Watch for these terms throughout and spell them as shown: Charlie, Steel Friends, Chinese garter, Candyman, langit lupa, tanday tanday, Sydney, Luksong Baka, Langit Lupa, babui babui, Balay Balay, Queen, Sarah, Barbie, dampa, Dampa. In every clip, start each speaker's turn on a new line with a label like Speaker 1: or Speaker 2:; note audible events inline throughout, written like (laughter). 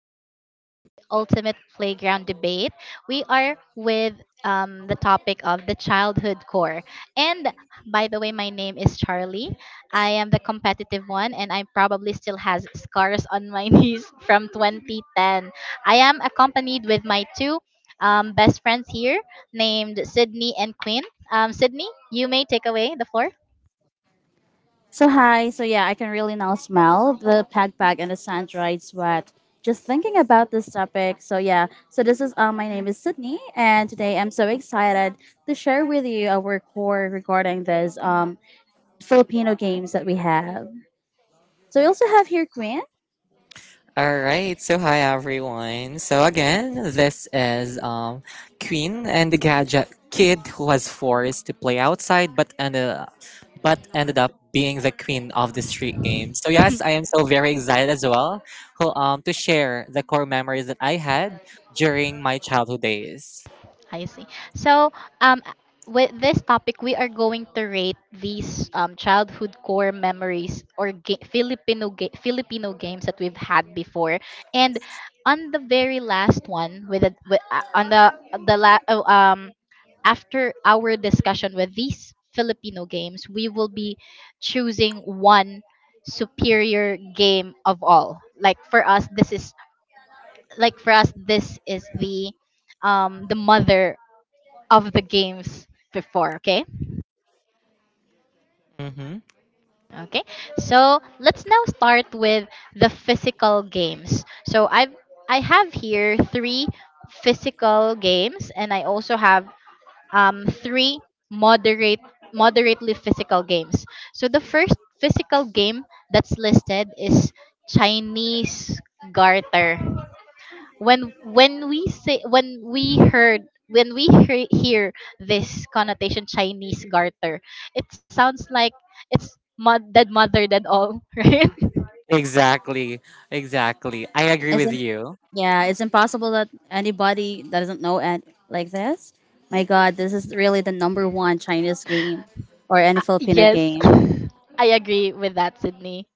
Speaker 1: are settling with the ultimate playground debate. We are with the topic of the childhood core. And by the way, my name is Charlie. I am the competitive one, and I probably still has scars on my (laughs) knees from 2010. I am accompanied with my two best friends here, named Sydney and Quinn. Sydney, you may take away the floor.
Speaker 2: So hi, so yeah, I can really now smell the pack bag and the sand, dried sweat. Just thinking about this topic. So yeah, so this is my name is Sydney, and today I'm so excited to share with you our core regarding this Filipino games that we have. So we also have here Queen.
Speaker 3: All right. So hi everyone. So again, this is Queen and the gadget kid who was forced to play outside but ended up being the queen of the street game. So yes, I am so very excited as well who to share the core memories that I had during my childhood days.
Speaker 1: I see. So, um, with this topic, we are going to rate these childhood core memories or Filipino games that we've had before. And on the very last one, with, the with on the la- oh, after our discussion with these Filipino games, we will be choosing one superior game of all. Like for us, this is the mother of the games before, okay?
Speaker 3: Mhm.
Speaker 1: Okay. So, let's now start with the physical games. So, I have here 3 physical games and I also have 3 moderate moderately physical games. So, the first physical game that's listed is Chinese garter when we say when we heard when we hear, hear this connotation Chinese garter, it sounds like dead mother dead all, (laughs) right?
Speaker 3: Exactly. Exactly, I agree with
Speaker 2: Isn't
Speaker 3: you.
Speaker 2: Yeah, it's impossible that anybody that doesn't know and like this. My God, this is really the number one Chinese game or any
Speaker 1: Uh,
Speaker 2: Filipino
Speaker 1: yes,
Speaker 2: game.
Speaker 1: (laughs) I agree with that, Sydney.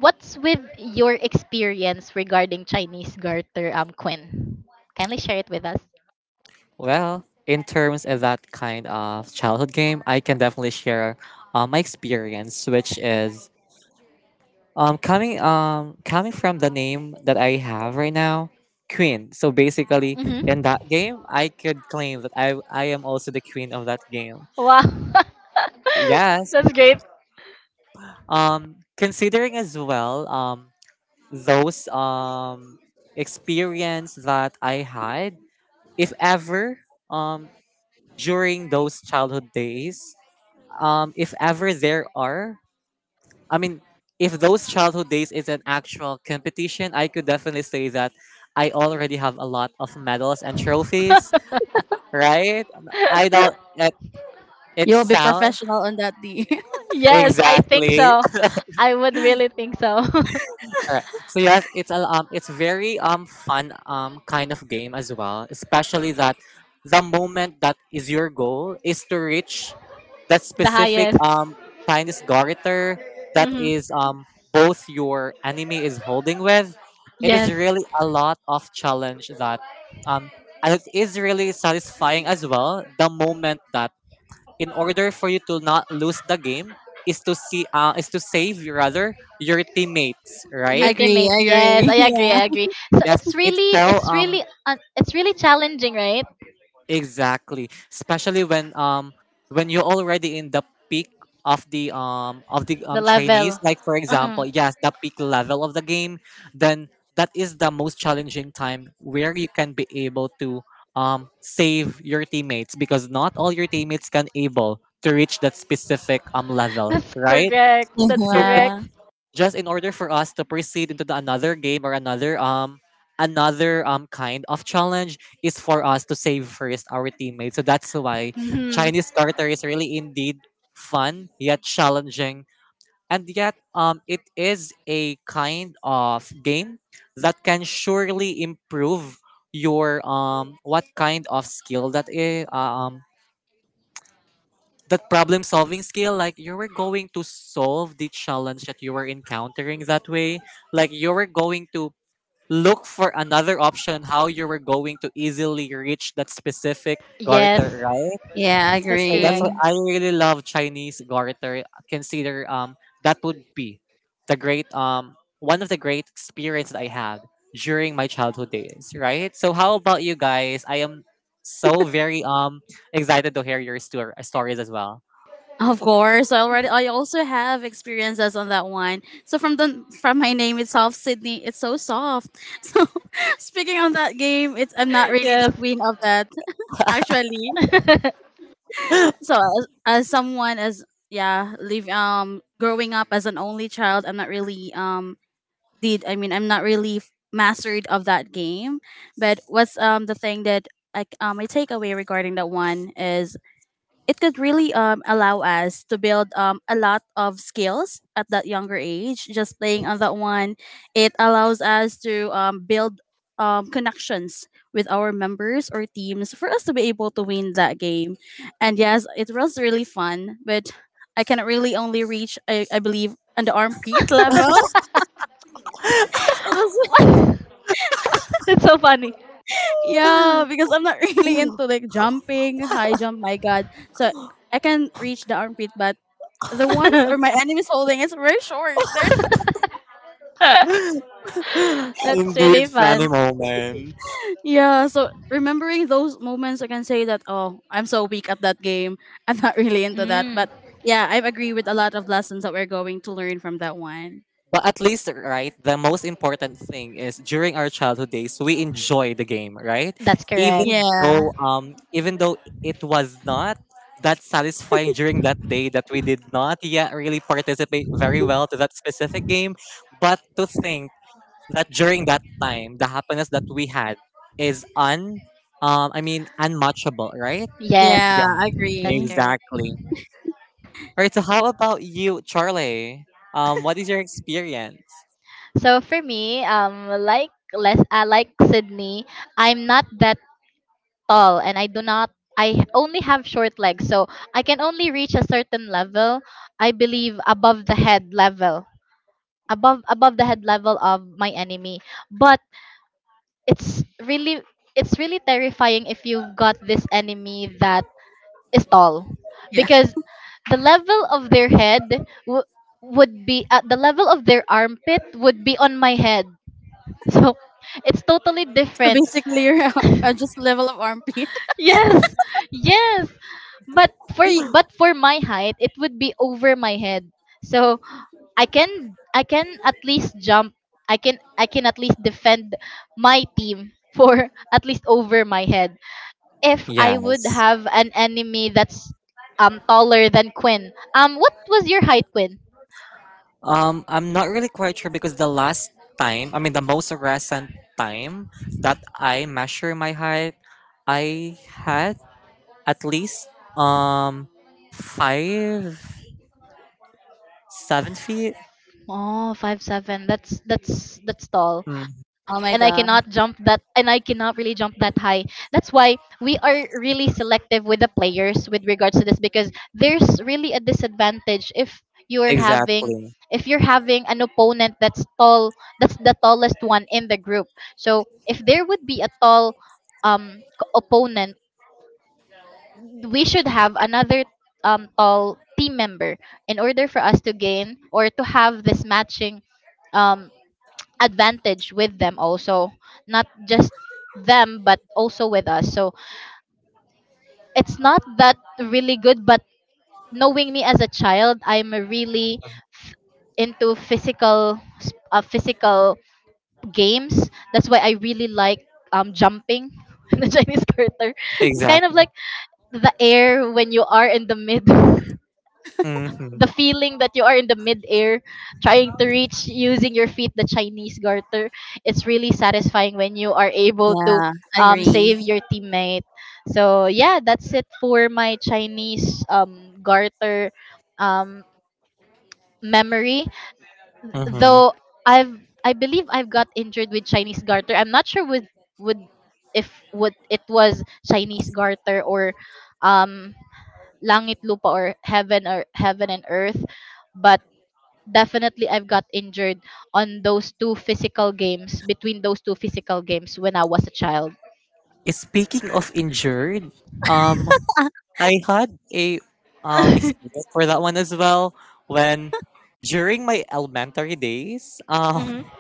Speaker 1: What's with your experience regarding Chinese garter, Quinn? Kindly share it with us.
Speaker 3: Well, in terms of that kind of childhood game, I can definitely share my experience, which is coming from the name that I have right now, Queen. So basically, in
Speaker 1: Mm-hmm.
Speaker 3: that game, I could claim that I am also the queen of that game.
Speaker 1: Wow, (laughs)
Speaker 3: Yes.
Speaker 1: that's great.
Speaker 3: Considering as well those experience that I had, if ever um, during those childhood days, if ever there are, I mean, if those childhood days is an actual competition, I could definitely say that I already have a lot of medals and trophies, right? I don't.
Speaker 1: (laughs)
Speaker 3: It
Speaker 2: You'll be
Speaker 3: sounds
Speaker 2: professional on that (laughs) D.
Speaker 1: Yes, I think
Speaker 3: exactly.
Speaker 1: so. I would really think so. (laughs)
Speaker 3: Alright. So yes, it's a it's very fun kind of game as well. Especially that the moment that is your goal is to reach that
Speaker 1: The
Speaker 3: specific
Speaker 1: highest.
Speaker 3: Chinese garter that
Speaker 1: Hmm
Speaker 3: is both your enemy is holding with. It is
Speaker 1: Yes,
Speaker 3: really a lot of challenge that um and it is really satisfying as well. The moment that in order for you to not lose the game is to see is to save rather your teammates,
Speaker 2: I
Speaker 1: your
Speaker 3: right?
Speaker 2: agree.
Speaker 1: teammate.
Speaker 2: I
Speaker 1: Yes,
Speaker 2: agree.
Speaker 1: I agree. I
Speaker 2: (laughs)
Speaker 1: agree. So
Speaker 3: Yes,
Speaker 1: it's
Speaker 3: it
Speaker 1: really,
Speaker 3: fell
Speaker 1: it's really challenging, right?
Speaker 3: exactly. Especially when you're already in the peak of the um of the
Speaker 1: The
Speaker 3: um Chinese,
Speaker 1: level.
Speaker 3: like for
Speaker 1: Hmm
Speaker 3: example, yes, the peak level of the game, then that is the most challenging time where you can be able to save your teammates because not all your teammates can able to reach that specific level,
Speaker 1: That's
Speaker 3: right?
Speaker 1: correct.
Speaker 2: Yeah.
Speaker 1: That's
Speaker 3: So
Speaker 2: Yeah.
Speaker 1: correct.
Speaker 3: just in order for us to proceed into the another game or another kind of challenge is for us to save first our teammates. So that's why
Speaker 1: Hmm
Speaker 3: Chinese Carter is really indeed fun yet challenging. And yet it is a kind of game that can surely improve your what kind of skill that I- that problem solving skill, like you were going to solve the challenge that you were encountering that way, like you were going to look for another option how you were going to easily reach that specific garter,
Speaker 1: Yes,
Speaker 3: right?
Speaker 2: Yeah, I
Speaker 1: that's
Speaker 3: So that's
Speaker 1: correct.
Speaker 3: what
Speaker 2: agree.
Speaker 3: I
Speaker 1: (laughs)
Speaker 3: really love Chinese garter. Consider that would be the great one of the great experience that I had during my childhood days, right? So how about you guys? I am so very excited to hear your stories as well.
Speaker 2: Of course, I also have experiences on that one. So from my name itself, Sydney, it's so soft. (laughs) So speaking on that game, it's I'm not really the
Speaker 1: Yes. (laughs)
Speaker 2: queen of that actually.
Speaker 3: (laughs)
Speaker 2: So as someone as yeah, live growing up as an only child, I'm not really did I mean I'm not really mastered of that game, but what's the thing that my takeaway regarding that one is, it could really allow us to build a lot of skills at that younger age just playing on that one. It allows us to build connections with our members or teams for us to be able to win that game. And yes, it was really fun, but I can really only reach, I believe, on the armpit level. (laughs) it was
Speaker 1: What? (laughs) It's so funny.
Speaker 2: Yeah, because I'm not (laughs) really into like jumping, high jump, my god. So I can reach the armpit, but the ones or my
Speaker 1: (laughs)
Speaker 2: enemies holding it's very short. (laughs) They're
Speaker 1: (laughs) That's really
Speaker 3: Indeed, funny
Speaker 1: fun.
Speaker 3: moments.
Speaker 2: yeah, so remembering those moments I can say that oh, I'm so weak at that game. (laughs) I'm not really into that.
Speaker 1: Mm,
Speaker 2: But yeah, I agree with a lot of lessons that we're going to learn from that one.
Speaker 3: But at least, right, the most important thing is during our childhood days, we enjoy the game, right?
Speaker 1: that's correct.
Speaker 3: Even
Speaker 2: Yeah.
Speaker 3: though, um, even though it was not that satisfying during that day that we did not yet really participate very well to that specific game, but to think that during that time, the happiness that we had is I mean, unmatchable, right?
Speaker 1: Yes,
Speaker 2: Yeah,
Speaker 3: Yeah,
Speaker 2: I
Speaker 1: that's
Speaker 2: agree.
Speaker 1: correct.
Speaker 3: exactly. All right, so how about you, Charlie? What is your experience?
Speaker 1: So for me, like Sydney, I'm not that tall, and I do not. I only have short legs, so I can only reach a certain level. I believe above the head level, above the head level of my enemy. But it's really, it's really terrifying if you've got this enemy that is tall,
Speaker 2: Yeah. (laughs)
Speaker 1: because the level of their head would be at the level of their armpit would be on my head, so it's totally
Speaker 2: So
Speaker 1: different.
Speaker 2: basically you're (laughs) just level of armpit. (laughs)
Speaker 1: Yes, yes, but for my height it would be over my head. So I can at least jump, I can at least defend my team for (laughs) at least over my head if I would
Speaker 3: Yes.
Speaker 1: have an enemy that's taller than Quinn. What was your height, Quinn?
Speaker 3: I'm not really quite sure because the last time, I mean, the most recent time that I measure my height, I had at least um 5'7" feet.
Speaker 1: Oh, 5'7". That's tall,
Speaker 3: Mm,
Speaker 1: and I
Speaker 2: Oh my
Speaker 1: cannot
Speaker 2: god.
Speaker 1: jump that, and I cannot really jump that high. That's why we are really selective with the players with regards to this because there's really a disadvantage if you're having,
Speaker 3: exactly,
Speaker 1: if you're having an opponent that's tall, that's the tallest one in the group. So if there would be a tall opponent, we should have another tall team member in order for us to gain or to have this matching um, advantage with them also, not just them but also with us. So it's not that really good, but knowing me as a child, I'm really f- into physical games. That's why I really like jumping (laughs) in the Chinese (laughs) character. It's kind of
Speaker 3: exactly.
Speaker 1: like the air when you are in the mid, (laughs)
Speaker 3: Mm-hmm,
Speaker 1: the feeling that you are in the midair trying to reach using your feet the Chinese garter. It's really satisfying when you are able to
Speaker 2: Yeah, agree.
Speaker 1: save your teammate. So yeah, that's it for my Chinese garter um, memory.
Speaker 3: mm-hmm.
Speaker 1: Though I've I believe I've got injured with Chinese garter. I'm not sure with, would if would it was Chinese garter or um langit lupa or heaven and earth, but definitely I've got injured on those two physical games, between those two physical games, when I was a child.
Speaker 3: Speaking of injured, um I had a
Speaker 1: (laughs)
Speaker 3: experience for that one as well, when during my elementary days (laughs)
Speaker 1: hmm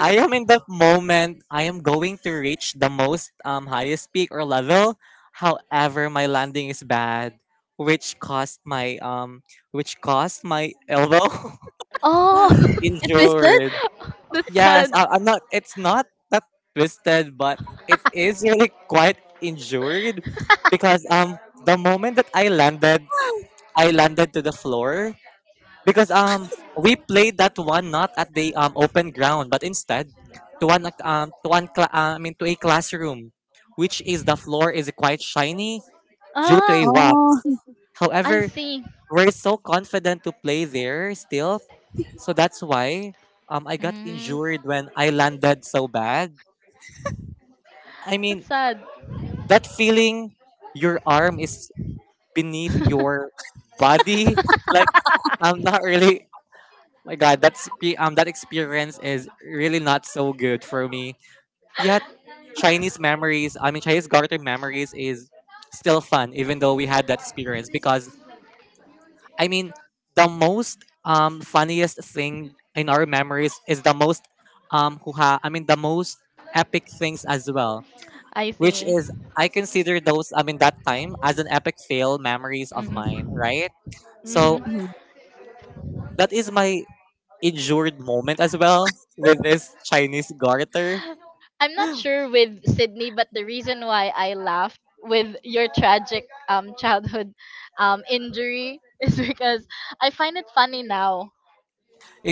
Speaker 3: I am in the moment I am going to reach the most highest peak or level. However, my landing is bad, which caused my elbow (laughs)
Speaker 1: Oh,
Speaker 2: It twisted?
Speaker 3: injured.
Speaker 1: (laughs) that's
Speaker 3: Yes,
Speaker 1: sad.
Speaker 3: I'm not. It's not that twisted, but it is (laughs) really quite injured because the moment that
Speaker 2: (gasps)
Speaker 3: I landed to the floor because we played that one not at the open ground but instead to one I mean to a classroom, which is the floor is quite shiny due to a
Speaker 1: Ah,
Speaker 2: Oh,
Speaker 3: wax.
Speaker 1: I
Speaker 3: However,
Speaker 1: see.
Speaker 3: we're so confident to play there still. So that's why I got
Speaker 1: Mm,
Speaker 3: injured when I landed so bad. I mean
Speaker 1: that's sad.
Speaker 3: that feeling your arm is
Speaker 1: (laughs)
Speaker 3: beneath your body, like I'm not really. My God, that's that experience is really not so good for me. Yet Chinese memories, I mean Chinese garter memories is still fun, even though we had that experience. Because I mean, the most funniest thing in our memories is the most hoo-ha, I mean the most epic things as well,
Speaker 1: I
Speaker 3: which
Speaker 1: see.
Speaker 3: is I consider those, I mean that time, as an epic fail memories of
Speaker 1: Mhm.
Speaker 3: mine, right?
Speaker 1: Mhm.
Speaker 3: So
Speaker 2: mhm,
Speaker 3: that is my injured moment as well with this Chinese garter.
Speaker 1: I'm not sure with Sydney, but the reason why I laughed with your tragic childhood injury (laughs) is because I find it funny now.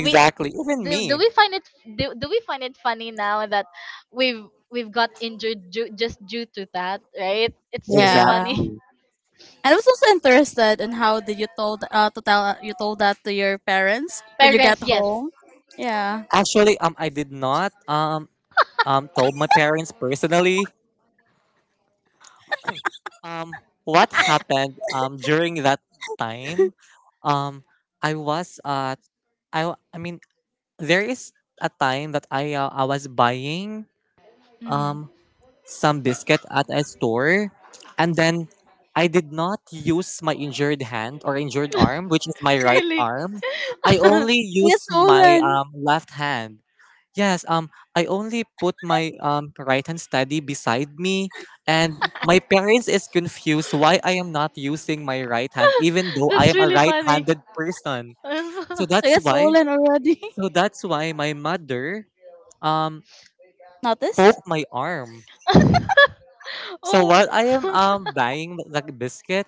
Speaker 1: We
Speaker 3: Even
Speaker 1: do, do
Speaker 3: me.
Speaker 1: we find it do we find it funny now that we've we've got injured just due to that, right? It's really
Speaker 2: yeah.
Speaker 1: funny.
Speaker 3: Exactly.
Speaker 2: I was also interested in how did you told to tell, you told that to your parents
Speaker 1: (laughs)
Speaker 2: when you
Speaker 1: Parents,
Speaker 2: got
Speaker 1: yes.
Speaker 2: home. Yeah.
Speaker 3: Actually, I did not told my parents personally um what happened during that time. Um, I was I w- I mean there is a time that I was buying
Speaker 1: Mm.
Speaker 3: um some biscuit at a store, and then I did not use my injured hand or injured arm, which is my
Speaker 1: (laughs)
Speaker 3: right
Speaker 1: Really?
Speaker 3: arm. I
Speaker 1: (laughs)
Speaker 3: only
Speaker 2: So it's
Speaker 3: use my
Speaker 2: stolen.
Speaker 3: left hand. Yes, I only put my right hand steady beside me, and my parents is confused why I am not using my right hand, even though I
Speaker 1: That's
Speaker 3: am a
Speaker 1: really funny.
Speaker 3: right-handed person. So
Speaker 1: (laughs)
Speaker 2: So
Speaker 3: that's
Speaker 2: it's
Speaker 3: why,
Speaker 2: stolen already.
Speaker 3: so that's why my mother um
Speaker 2: (laughs) Noticed?
Speaker 3: poked my arm. So
Speaker 1: Oh.
Speaker 3: while I am buying the biscuit,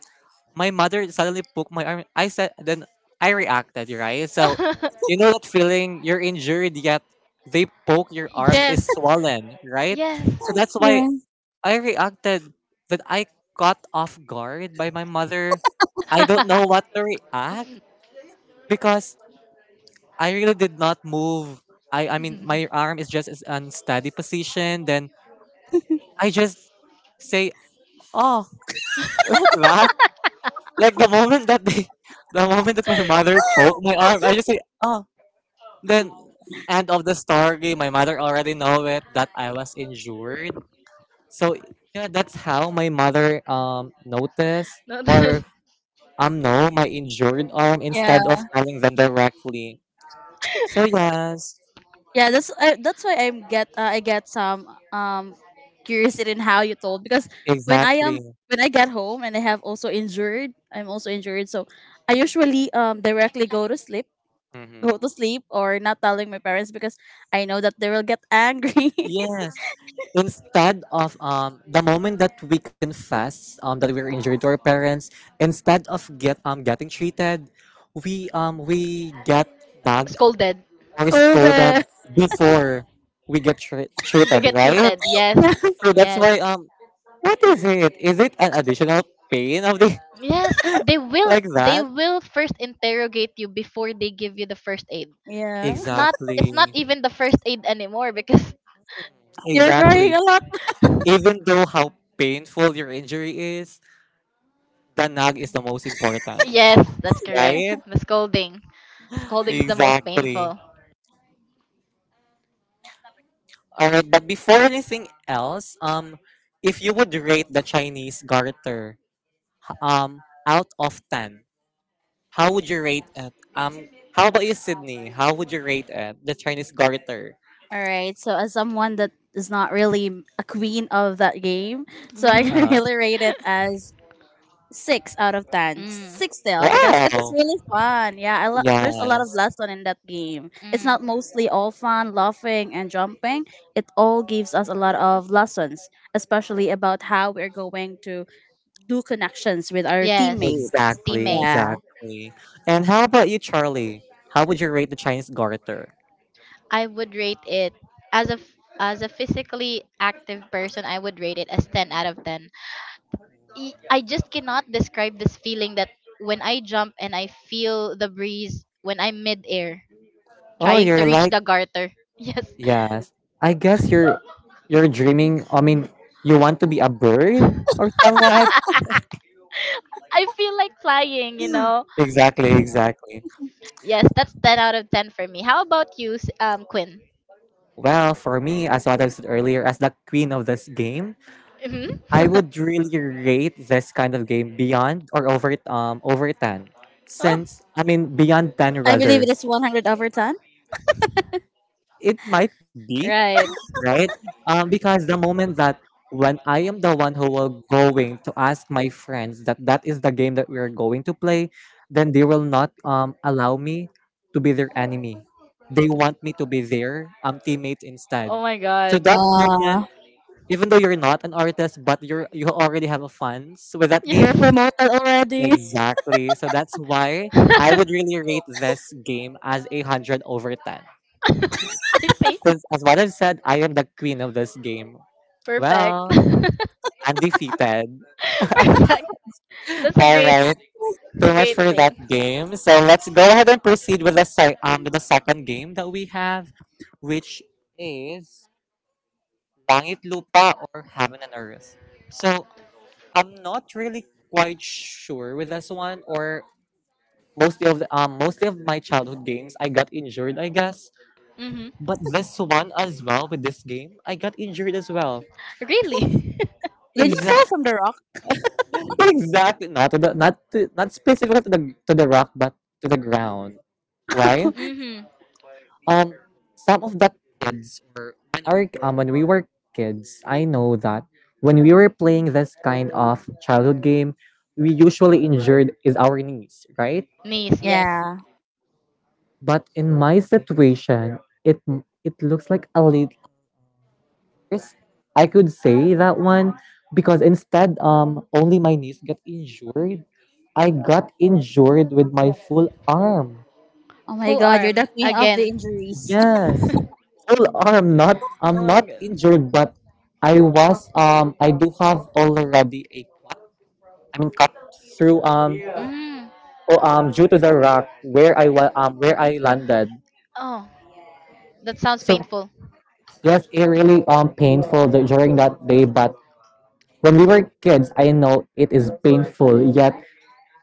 Speaker 3: my mother suddenly poked my arm. I said, then I reacted, right? So you
Speaker 1: (laughs)
Speaker 3: know that feeling you're injured yet they poke your arm that
Speaker 1: Yes.
Speaker 3: is swollen, right?
Speaker 1: Yes.
Speaker 3: So that's
Speaker 2: Yeah.
Speaker 3: why I reacted that I caught off guard by my mother. I don't know what to react because I really did not move. I mean my
Speaker 1: (laughs)
Speaker 3: arm is just is unsteady position. Then I just say, "Oh," (laughs) laugh. Like the moment that they, (laughs) the moment that my mother poked my arm, I just say, "Oh," then end of the story. My mother already know it that I was injured. So yeah, that's how my mother noticed
Speaker 1: No,
Speaker 3: or know my injured arm
Speaker 2: Yeah,
Speaker 3: instead of telling them directly. So yes,
Speaker 2: yeah. That's why I get some curiosity in how you told, because when I
Speaker 3: exactly.
Speaker 2: am when I get home and I have also injured, I'm also injured. So I usually directly go to sleep, or not telling my parents because I know that they will get angry.
Speaker 3: Yes. Instead of the moment that we confess that we are injured to our parents, instead of getting treated, we get
Speaker 1: (laughs)
Speaker 3: bugged
Speaker 1: scolded.
Speaker 2: (laughs)
Speaker 3: or scolded
Speaker 2: Scolded.
Speaker 3: before we get
Speaker 1: We
Speaker 3: treated,
Speaker 1: get
Speaker 3: right?
Speaker 1: treated. Yes.
Speaker 2: Yeah.
Speaker 3: So that's
Speaker 1: Yes.
Speaker 3: why, what is it? Is it an additional pain of the
Speaker 1: Yes.
Speaker 3: (laughs) like
Speaker 1: They
Speaker 3: that?
Speaker 1: will first interrogate you before they give you the first aid.
Speaker 2: Yeah.
Speaker 3: Exactly.
Speaker 1: It's not even the first aid anymore because
Speaker 2: You're
Speaker 3: Exactly.
Speaker 2: crying a lot.
Speaker 1: (laughs)
Speaker 3: Even though how painful your injury is, the nag is the most important.
Speaker 1: yes, that's correct.
Speaker 3: Right?
Speaker 1: The scolding. Scolding is the most
Speaker 3: Exactly.
Speaker 1: painful.
Speaker 3: All right, but before anything else, if you would rate the Chinese garter, um, out of 10, how would you rate it? How about you, Sydney? How would you rate it? The Chinese garter.
Speaker 2: All right. So as someone that is not really a queen of that game, so I
Speaker 3: Uh
Speaker 1: Mhm. (laughs)
Speaker 2: can (laughs)
Speaker 3: huh.
Speaker 2: really rate it as 6 out of 10.
Speaker 1: Mm.
Speaker 2: Six still, because it is
Speaker 3: Wow.
Speaker 2: really fun. Yeah, there's a lot of
Speaker 3: Yes.
Speaker 2: lesson in that game. It's
Speaker 1: Mm.
Speaker 2: not mostly all fun, laughing, and jumping. It all gives us a lot of lessons, especially about how we're going to do connections with our
Speaker 1: Yes.
Speaker 2: teammates.
Speaker 3: Exactly.
Speaker 1: Teammates.
Speaker 2: Yeah.
Speaker 3: Exactly. And how about you, Charlie? How would you rate the Chinese garter?
Speaker 1: I would rate it as a as a physically active person. I would rate it as ten out of ten. I just cannot describe this feeling that when I jump and I feel the breeze when I'm midair
Speaker 3: Oh,
Speaker 1: trying to
Speaker 3: you're
Speaker 1: reach
Speaker 3: like.
Speaker 1: the garter. (laughs) Yes,
Speaker 3: Yes. I guess you're dreaming. I mean, you want to be a bird or somewhat.
Speaker 1: I feel like flying. You know.
Speaker 3: Exactly, exactly.
Speaker 1: Yes, that's ten out of ten for me. How about you, Quinn?
Speaker 3: Well, for me, as what I said earlier, as the queen of this game,
Speaker 1: Hmm
Speaker 3: I
Speaker 1: (laughs)
Speaker 3: would really rate this kind of game beyond or over over 10.
Speaker 1: Oh,
Speaker 3: Since I mean beyond 10
Speaker 2: I believe
Speaker 3: rather.
Speaker 2: it is 100 over 10.
Speaker 3: It might be
Speaker 1: right.
Speaker 3: right? Because the moment that when I am the one who will going to ask my friends that that is the game that we are going to play, then they will not allow me to be their enemy. They want me to be their teammate instead.
Speaker 1: Oh my
Speaker 3: So
Speaker 1: God.
Speaker 3: that moment,
Speaker 2: Uh,
Speaker 3: even though you're not an artist, but you already have a fans with that
Speaker 2: you're
Speaker 3: game.
Speaker 1: Yes.
Speaker 2: promoted already. (laughs)
Speaker 3: Exactly. So that's why I would
Speaker 1: (laughs)
Speaker 3: really rate this game as 100/10.
Speaker 1: I see.
Speaker 3: Since as what I've said, I am the queen of this game.
Speaker 1: Perfect.
Speaker 3: Well,
Speaker 1: (laughs)
Speaker 3: I'm defeated. (laughs)
Speaker 1: Perfect. That's a
Speaker 3: All
Speaker 1: great
Speaker 3: right.
Speaker 1: that's a
Speaker 3: Too much
Speaker 1: great
Speaker 3: for
Speaker 1: thing.
Speaker 3: that game. So let's go ahead and proceed with the with the second game that we have, which is Langit Lupa or Heaven and Earth. So I'm not really quite sure with this one, or mostly of the, mostly of my childhood games I got injured, I guess.
Speaker 1: Mhm.
Speaker 3: But this one as well, with this game, I got injured as well.
Speaker 1: Really?
Speaker 2: Did you
Speaker 3: Exactly.
Speaker 2: fall from the rock?
Speaker 3: Exactly. Not to the not specifically to the rock, but to the ground. Why?
Speaker 1: (laughs) Mhm.
Speaker 3: Um, some of the kids, or when our when we were kids, I know that when we were playing this kind of childhood game, we usually injured is our knees, right?
Speaker 1: Knees, yes.
Speaker 2: Yeah.
Speaker 3: But in my situation, it it looks like a little years, I could say that one, because instead, only my knees got injured. I got injured with my full arm.
Speaker 2: Oh
Speaker 1: Full
Speaker 2: my god, you're
Speaker 1: arm
Speaker 2: the queen of the
Speaker 1: again.
Speaker 2: injuries.
Speaker 1: (laughs)
Speaker 3: Yes,
Speaker 1: Mm.
Speaker 3: full arm. Not I'm not injured, but I do have already a I mean cut through oh, due to the rock where I landed.
Speaker 1: Oh, that sounds
Speaker 3: So
Speaker 1: painful.
Speaker 3: yes, it really painful during that day. But when we were kids, I know it is painful. Yet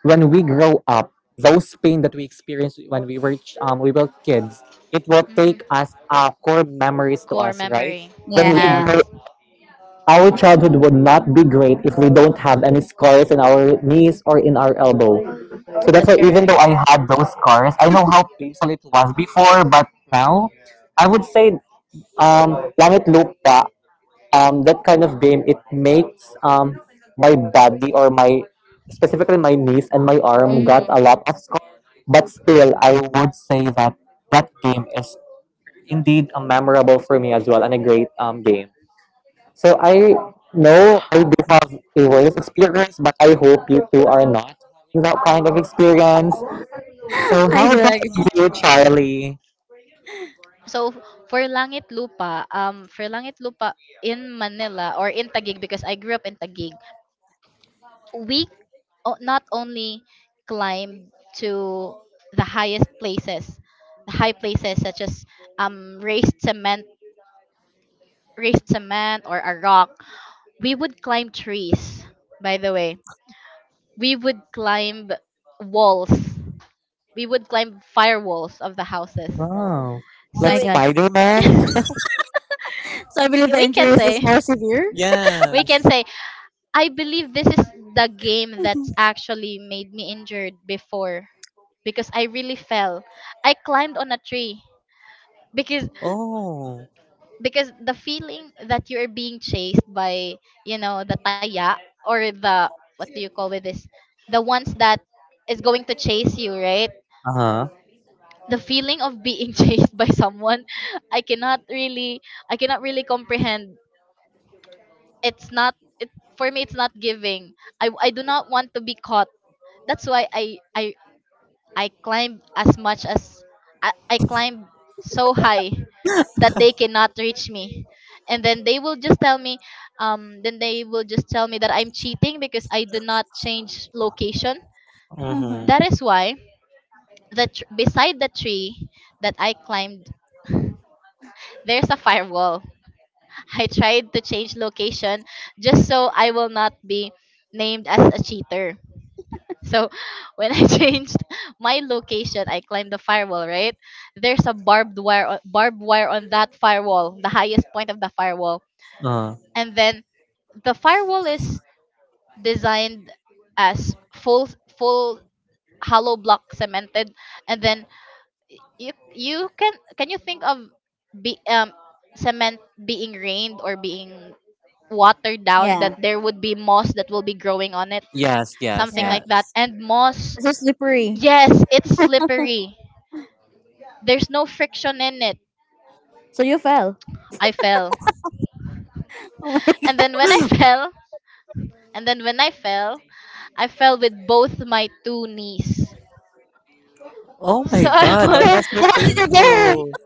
Speaker 3: when we grow up, those pain that we experienced when we were ch- we were kids, it will
Speaker 1: Mm.
Speaker 3: take us core memories to
Speaker 1: Core
Speaker 3: us, right?
Speaker 1: memory.
Speaker 3: When we
Speaker 2: Yeah.
Speaker 3: grow,
Speaker 1: Yes,
Speaker 3: our childhood would not be great if we don't have any scars in our knees or in our elbow. So that's
Speaker 1: that's
Speaker 3: why even
Speaker 1: correct.
Speaker 3: though I had those scars, I know how painful it was before, but now I would say, langit lupa, that kind of game, it makes, my body or my specifically my knees and my arm got a
Speaker 1: Hmm
Speaker 3: lot of scars. But still, I would say that that game is indeed a memorable for me as well, and a great, game. So I know I do have a worse experience, but I hope you two are not having that kind of experience.
Speaker 2: (laughs)
Speaker 3: So
Speaker 2: I
Speaker 3: how
Speaker 2: do
Speaker 3: about
Speaker 2: agree.
Speaker 3: you, Charlie?
Speaker 1: So for Langit Lupa in Manila or in Taguig because I grew up in Taguig, we not only climbed to the highest places, the high places such as um raised cement, raised cement or a rock. We would climb trees, by the way. We would climb walls. We would climb firewalls of the houses.
Speaker 3: Oh,
Speaker 2: Oh
Speaker 3: like
Speaker 1: So
Speaker 2: my god.
Speaker 1: it's
Speaker 3: Spider Man?
Speaker 2: So I believe
Speaker 1: (laughs)
Speaker 2: the
Speaker 1: we can
Speaker 2: injuries is
Speaker 1: say
Speaker 2: more severe.
Speaker 1: we can
Speaker 3: Yes.
Speaker 1: say I believe this is the game that actually made me injured before because I really fell. I climbed on a tree because
Speaker 3: Oh.
Speaker 1: because the feeling that you're being chased by, you know, the taya or the, what do you call with this? The ones that is going to chase you, right?
Speaker 3: Uh huh.
Speaker 1: The feeling of being (laughs) chased by someone, i cannot really I cannot really comprehend. It's not it, for me it's not giving, I do not want to be caught. That's why I I climb as much as I climb so high that they cannot reach me, and then they will just tell me, that I'm cheating because I did not change location.
Speaker 2: Mm-hmm.
Speaker 3: Mm-hmm.
Speaker 1: That is why that beside the tree that I climbed, there's a firewall. I tried to change location just so I will not be named as a cheater. So (laughs) when I changed my location, I climbed the firewall, right? There's a barbed wire on that firewall, the highest point of the firewall.
Speaker 3: Uh,
Speaker 1: And then the firewall is designed as full hollow block cemented, and then, you can you think of be cement being rained or being watered down,
Speaker 2: Yeah.
Speaker 1: that there would be moss that will be growing on it,
Speaker 3: yes, yes,
Speaker 1: something
Speaker 2: Yeah.
Speaker 1: like that?
Speaker 3: yes.
Speaker 1: And moss,
Speaker 2: It's so slippery.
Speaker 1: yes, it's slippery. There's no friction in it.
Speaker 2: So you fell.
Speaker 1: I fell,
Speaker 2: Oh my
Speaker 1: and
Speaker 2: (laughs)
Speaker 1: then when I (laughs) fell, and then when I fell, I fell with both my two knees.
Speaker 3: Oh
Speaker 1: (laughs) So
Speaker 3: my (laughs)
Speaker 1: I
Speaker 3: god, that
Speaker 2: god.
Speaker 3: was so
Speaker 2: How did
Speaker 1: was,
Speaker 2: you go?
Speaker 3: painful.
Speaker 2: (laughs)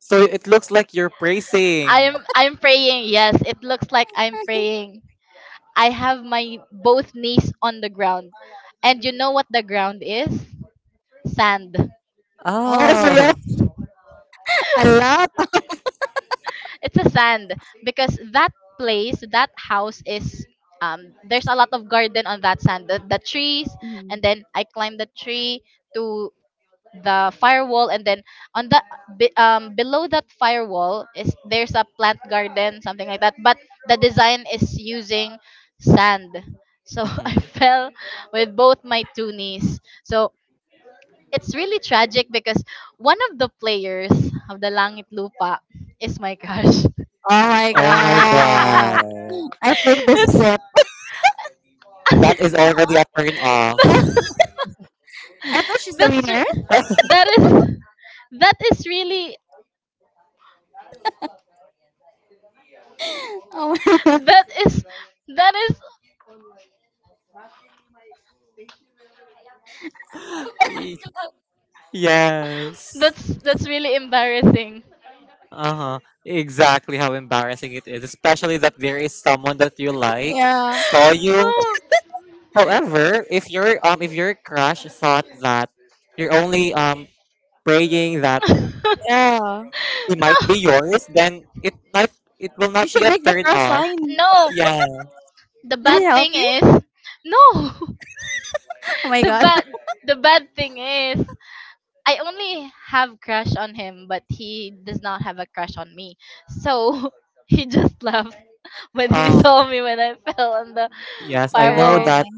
Speaker 3: So it looks like you're
Speaker 1: (laughs)
Speaker 3: praising.
Speaker 1: I'm, I'm praying. Yes, it looks like I'm praying. I have my both knees on the ground, and you know what the ground is? Sand.
Speaker 2: Oh, so you
Speaker 3: Oh.
Speaker 2: have a lot.
Speaker 1: It's a sand because that place, that house is um there's a lot of garden on that sand, the trees,
Speaker 2: Of-
Speaker 1: and
Speaker 2: Mhm.
Speaker 1: then I climbed the tree to the firewall, and then on the below that firewall is, there's a plant garden, something like that, but the design is using sand. So (laughs) I
Speaker 3: Hmm.
Speaker 1: fell with both my two knees. So it's really tragic because one of the players of the langit lupa is my crush.
Speaker 2: Oh my
Speaker 3: Oh my
Speaker 2: god.
Speaker 3: god.
Speaker 2: I think
Speaker 1: (laughs)
Speaker 2: this is
Speaker 1: It's
Speaker 2: it.
Speaker 3: That is
Speaker 1: (laughs)
Speaker 3: already a turn off.
Speaker 2: (laughs) I thought she's the
Speaker 1: that's
Speaker 2: winner.
Speaker 1: re-
Speaker 2: (laughs)
Speaker 3: (laughs)
Speaker 1: that is that is really
Speaker 2: Oh my (laughs) god.
Speaker 1: that is that is
Speaker 3: Y- yes.
Speaker 1: that's really embarrassing.
Speaker 3: Uh-huh. Exactly how embarrassing it is, especially that there is someone that you like
Speaker 2: Yeah.
Speaker 3: saw
Speaker 1: (laughs)
Speaker 3: you.
Speaker 1: Oh.
Speaker 3: However, if your crush thought that you're only praying that
Speaker 1: (laughs) No,
Speaker 2: Yeah.
Speaker 3: it might be yours, then it will
Speaker 2: You
Speaker 3: not be
Speaker 2: should
Speaker 3: a
Speaker 2: make the
Speaker 3: turn
Speaker 2: cross
Speaker 3: off.
Speaker 2: sign.
Speaker 1: no.
Speaker 3: Yeah.
Speaker 1: The
Speaker 2: Did
Speaker 1: bad
Speaker 2: it help
Speaker 1: thing
Speaker 2: you?
Speaker 1: is, no. (laughs)
Speaker 2: Oh my
Speaker 1: The
Speaker 2: god.
Speaker 1: bad the bad thing is I only have crush on him, but he does not have a crush on me. So (laughs) he just laughed (laughs) when he
Speaker 3: Oh
Speaker 1: saw me when I fell on the
Speaker 3: yes,
Speaker 2: (laughs)
Speaker 3: I know
Speaker 1: firewall.
Speaker 3: that
Speaker 2: Alright.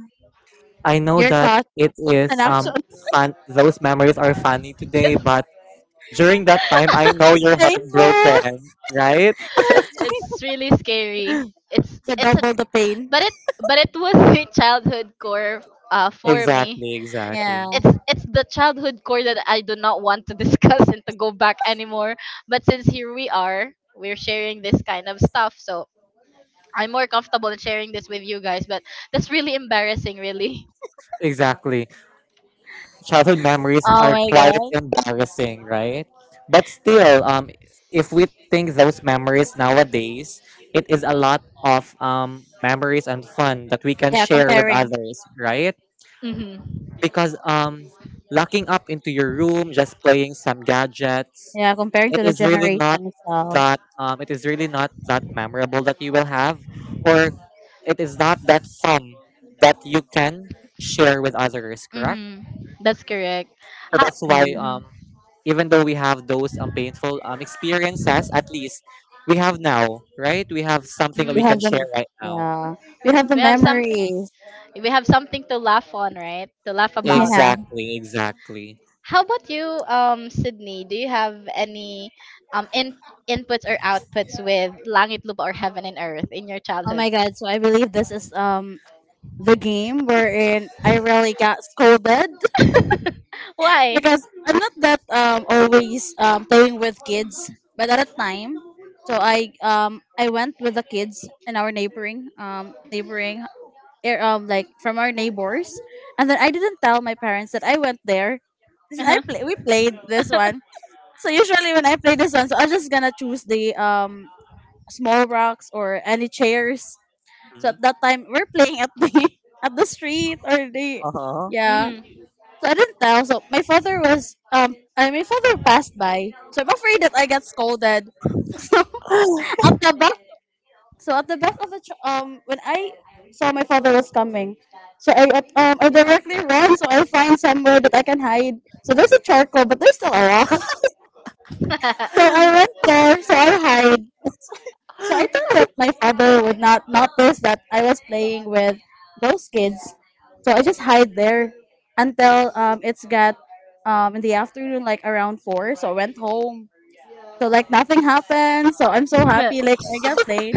Speaker 3: I know
Speaker 2: Your
Speaker 3: that
Speaker 2: cause
Speaker 3: it is
Speaker 2: and action.
Speaker 3: fun. Those memories are funny
Speaker 1: (laughs) Yes,
Speaker 3: today, but
Speaker 1: (laughs)
Speaker 3: during that time I know you're
Speaker 2: Painful. (laughs)
Speaker 3: heartbroken, right?
Speaker 2: Yes.
Speaker 1: it's really scary. It's
Speaker 2: The
Speaker 1: it's a,
Speaker 2: double the pain.
Speaker 1: but it, but it was a childhood core, for me.
Speaker 3: Exactly, exactly.
Speaker 1: I-
Speaker 2: Yeah.
Speaker 1: it's it's the childhood core that I do not want to (laughs) discuss and to go back anymore, but since here we are, we're sharing this kind of stuff, so I'm more comfortable in sharing this with you guys, but that's really embarrassing, really.
Speaker 3: Exactly. Childhood memories
Speaker 2: Oh
Speaker 3: are
Speaker 2: my
Speaker 3: quite
Speaker 2: god.
Speaker 3: embarrassing, right? But still, if we think those memories nowadays, it is a lot of, memories and fun that we can
Speaker 2: Yeah,
Speaker 3: share with
Speaker 2: comparing.
Speaker 3: others, right?
Speaker 1: Mm-hmm.
Speaker 3: Because, locking up into your room, just playing some gadgets,
Speaker 2: Yeah, comparing
Speaker 3: it
Speaker 2: to the
Speaker 3: is really not
Speaker 2: generation itself.
Speaker 3: that it is really not that memorable that you will have, or it is not that fun that you can share with others. Correct.
Speaker 1: Mm-hmm. That's correct.
Speaker 3: So
Speaker 1: How.
Speaker 3: that's why,
Speaker 2: Yeah.
Speaker 1: Mm-hmm.
Speaker 3: even though we have those, painful, experiences, at least we have now, right? We have something that we
Speaker 2: We
Speaker 1: hmm
Speaker 3: can
Speaker 2: have
Speaker 3: share
Speaker 2: the
Speaker 3: right now.
Speaker 2: yeah. We have the
Speaker 1: we have something
Speaker 2: memories.
Speaker 1: we have something to laugh on, right, to laugh
Speaker 2: (laughs)
Speaker 1: about.
Speaker 2: Yeah.
Speaker 3: Exactly, exactly.
Speaker 1: How about you, Sydney? Do you have any um in- inputs or outputs with Langit Lupa or Heaven and Earth in your
Speaker 2: Oh
Speaker 1: childhood?
Speaker 2: my god. So I believe this is the game wherein I really got scolded,
Speaker 1: (laughs) Why?
Speaker 2: because I'm not that always playing with kids, but at a time, so I went with the kids in our neighboring like from our neighbors, and then I didn't tell my parents that I went there. I
Speaker 1: Uh-huh.
Speaker 2: play we played this one. So usually when I play this one, so I'm just gonna choose the small rocks or any chairs. So
Speaker 3: Mhm.
Speaker 2: at that time we're playing at the (laughs) at the street or the
Speaker 3: Uh-huh.
Speaker 2: yeah, so I didn't tell. So my father passed by. So I'm afraid that I got scolded. (laughs) So
Speaker 3: (sighs)
Speaker 2: at the back, when I saw my father was coming, so I directly ran, so I find somewhere that I can hide. So there's a charcoal, but there's still a rock. (laughs) So I went there, so I hide. So I thought that my father would not notice that I was playing with those kids. So I just hide there until it's got in the afternoon, like around four. So I went home. So like nothing happened. So I'm so
Speaker 1: Hmm.
Speaker 2: happy. Like I got
Speaker 1: (laughs)
Speaker 2: played.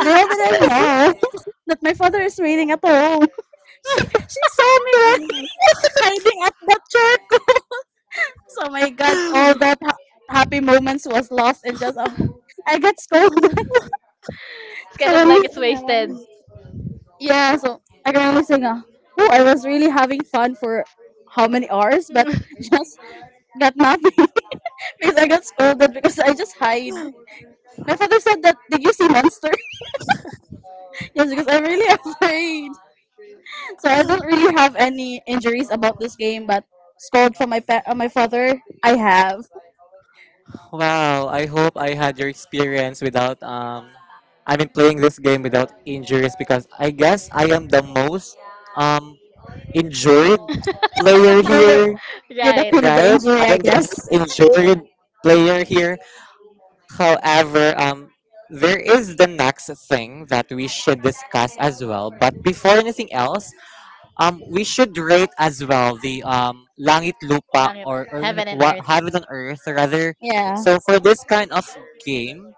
Speaker 2: Little did I know (laughs) that my father is waiting at home. (laughs) She saw me like (laughs) hiding at the charcoal. (laughs) So my god, all that happy moments was lost in just (laughs) I got scolded. (laughs)
Speaker 1: It's kind
Speaker 2: So
Speaker 1: of like it's
Speaker 2: yeah.
Speaker 1: wasted.
Speaker 2: Yeah, so I can only sing. Oh, I was really having fun for how many hours, but
Speaker 1: (laughs)
Speaker 2: (laughs) just got nothing (laughs) because I got scolded because I just hide. My father said that. Did you see monster? (laughs) Yes, because I'm really (laughs) afraid. So I don't really have any injuries about this game, but scold from my father, I have.
Speaker 3: Wow, I hope I had your experience without, I mean, playing this game without injuries because I guess I am the most, um injured
Speaker 2: (laughs)
Speaker 3: player
Speaker 2: You're the
Speaker 3: here,
Speaker 2: you're the
Speaker 1: Right.
Speaker 2: queen of the
Speaker 3: right?
Speaker 2: injury,
Speaker 3: I
Speaker 2: I
Speaker 3: am the
Speaker 2: guess.
Speaker 3: most injured player here. However, there is the next thing that we should discuss as well. But before anything else, we should rate as well the langit lupa,
Speaker 1: Bakit? Ba?
Speaker 3: or
Speaker 1: Heaven and
Speaker 3: what,
Speaker 1: earth.
Speaker 3: heaven on earth rather.
Speaker 2: Yeah.
Speaker 3: So for this kind of game,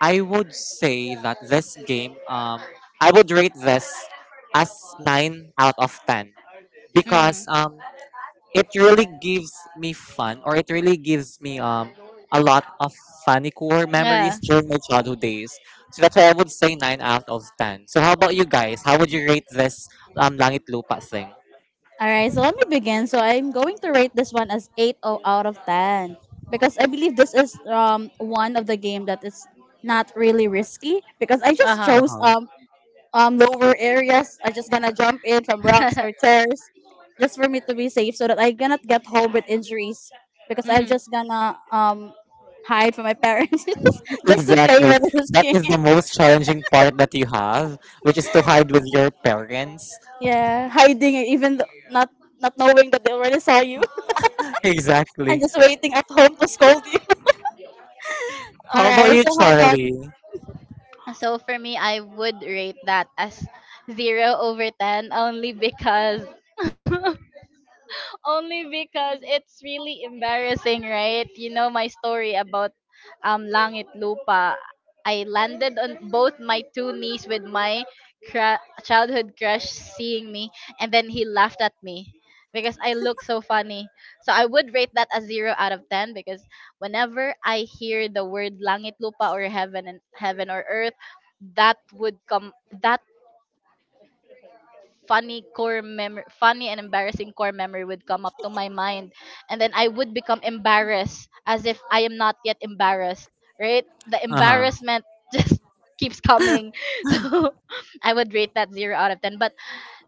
Speaker 3: I would say that, this game I would rate this as 9 out of 10, because
Speaker 1: Mm.
Speaker 3: it really gives me fun, or it really gives me, a lot of funny core memories
Speaker 1: Yeah.
Speaker 3: during my childhood days. So that's why I would say 9 out of 10. So how about you guys? How would you rate this langit lupa thing?
Speaker 2: All right, so let me begin. So I'm going to rate this one as 8 out of 10, because I believe this is one of the game that is not really risky because I
Speaker 1: Uh
Speaker 2: just
Speaker 1: huh.
Speaker 2: chose
Speaker 3: Uh-huh.
Speaker 2: lower areas. I just gonna jump in from rocks or
Speaker 1: (laughs)
Speaker 2: chairs, just for me to be safe so that I cannot get home with injuries, because I'm
Speaker 1: Hmm.
Speaker 2: just gonna hide from my parents
Speaker 3: (laughs)
Speaker 2: (laughs) just to play
Speaker 3: Exactly.
Speaker 2: with this
Speaker 3: That is the
Speaker 2: game. (laughs)
Speaker 3: most challenging part that you have, which is to hide with your parents. (laughs)
Speaker 2: Yeah, hiding even not knowing that they already saw you, and
Speaker 3: Exactly.
Speaker 2: just waiting at home to scold you.
Speaker 3: How about
Speaker 2: Alright,
Speaker 3: you,
Speaker 2: so how about
Speaker 3: Charlie?
Speaker 1: So for me, I would rate that as 0/10, only because (laughs) only because it's really embarrassing, right? You know my story about Langit Lupa. I landed on both my two knees with my childhood crush seeing me, and then he laughed at me because I look so funny. So I would rate that a 0/10, because whenever I hear the word Langit Lupa or heaven and heaven or earth, that would come that funny and embarrassing core memory would come up to my mind, and then I would become embarrassed, as if I am not yet embarrassed, right? The
Speaker 3: Uh-huh.
Speaker 1: embarrassment (laughs) just keeps coming. (laughs) So I would rate that 0 out of 10, but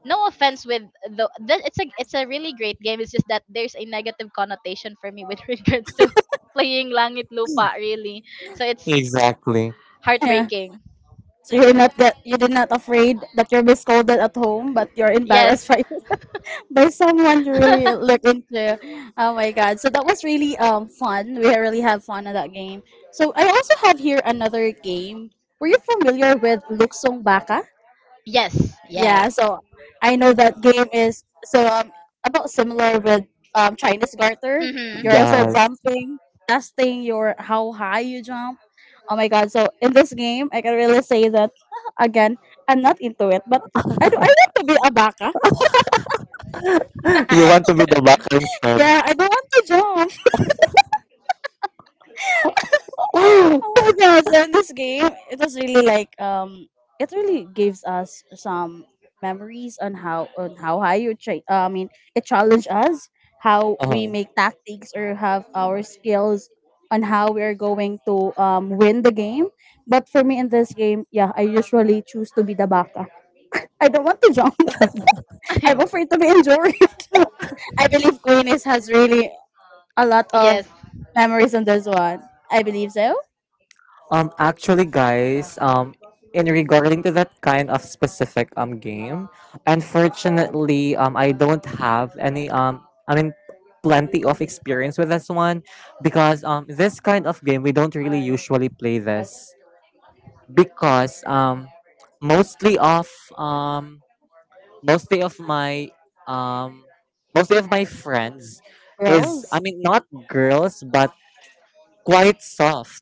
Speaker 1: no offense with the it's a really great game. It's just that there's a negative connotation for me with, (laughs) regards to playing Langit Lupa, really. So it's
Speaker 3: Exactly.
Speaker 2: (laughs) yeah? Yeah.
Speaker 1: heartbreaking.
Speaker 2: So you're not that you did not afraid that you'll be scolded at home, but you're
Speaker 1: Yes.
Speaker 2: embarrassed by (laughs) by someone you really look into. Oh my god! So that was really fun. We really have fun in that game. So I also have here another game. Were you familiar with
Speaker 1: (laughs)
Speaker 2: Luksong Baka?
Speaker 1: Yes, yes.
Speaker 2: Yeah, so I know that game is so about similar with Chinese garter.
Speaker 1: Mhm.
Speaker 2: You're also
Speaker 3: Yes. (laughs)
Speaker 2: jumping, testing your how high you jump. Oh my god! So in this game, I can really say that (laughs) again. I'm not into it, but I do. I want to be a baka.
Speaker 3: You want to be
Speaker 1: (laughs)
Speaker 3: the backing sub.
Speaker 2: Yeah, I don't want to jump.
Speaker 3: (gasps)
Speaker 2: Oh my god! So in this game, it was really like, it really gives us some memories on how high you I mean, it challenged us how we
Speaker 3: Uh-huh.
Speaker 2: make tactics or have our skills on how we are going to win the game. But for me in this game, yeah, I usually choose to be the baka. I don't want to jump. (laughs) I'm afraid to be injured. (laughs) I believe Queen is has really a lot of
Speaker 1: Yes.
Speaker 2: memories on this one. I believe so.
Speaker 3: Actually, guys, in regarding to that kind of specific game, unfortunately, I don't have any, I mean, plenty of experience with this one, because, this kind of game we don't really usually play this, because, mostly of um, mostly of my um, mostly of my friends is, I
Speaker 2: Girls.
Speaker 3: mean, not girls, but quite soft.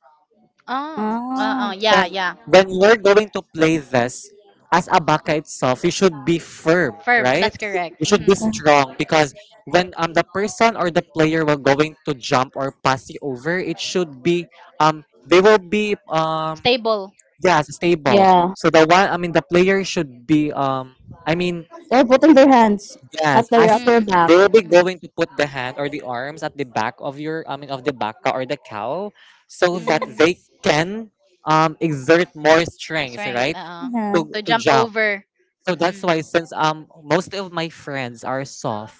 Speaker 1: Oh,
Speaker 2: Ah.
Speaker 1: yeah,
Speaker 3: So
Speaker 1: yeah.
Speaker 3: when you're going to play this as a baka itself, you should be firm,
Speaker 1: Firm.
Speaker 3: right?
Speaker 1: That's
Speaker 3: You
Speaker 1: correct.
Speaker 3: should be
Speaker 1: Mhm.
Speaker 2: Mm,
Speaker 3: strong because when the person or the player will going to jump or pass you over, it should be they will be
Speaker 1: Stable.
Speaker 3: yeah, stable.
Speaker 2: yeah,
Speaker 3: So, the one I mean, the player should be, I mean
Speaker 2: they're putting their hands
Speaker 3: yes,
Speaker 2: at their at
Speaker 3: as
Speaker 2: their
Speaker 1: Mm.
Speaker 2: back.
Speaker 3: they will be going to put the hand or the arms at the back of your, I mean, of the baka or the cow, so that
Speaker 1: Mm.
Speaker 3: they
Speaker 1: Mm.
Speaker 3: can, exert more strength,
Speaker 1: Strength,
Speaker 3: right, to
Speaker 2: Yeah.
Speaker 1: to
Speaker 3: to
Speaker 1: jump
Speaker 3: jump.
Speaker 1: over.
Speaker 3: So that's
Speaker 1: Mm-mm.
Speaker 3: why, since most of my friends are soft,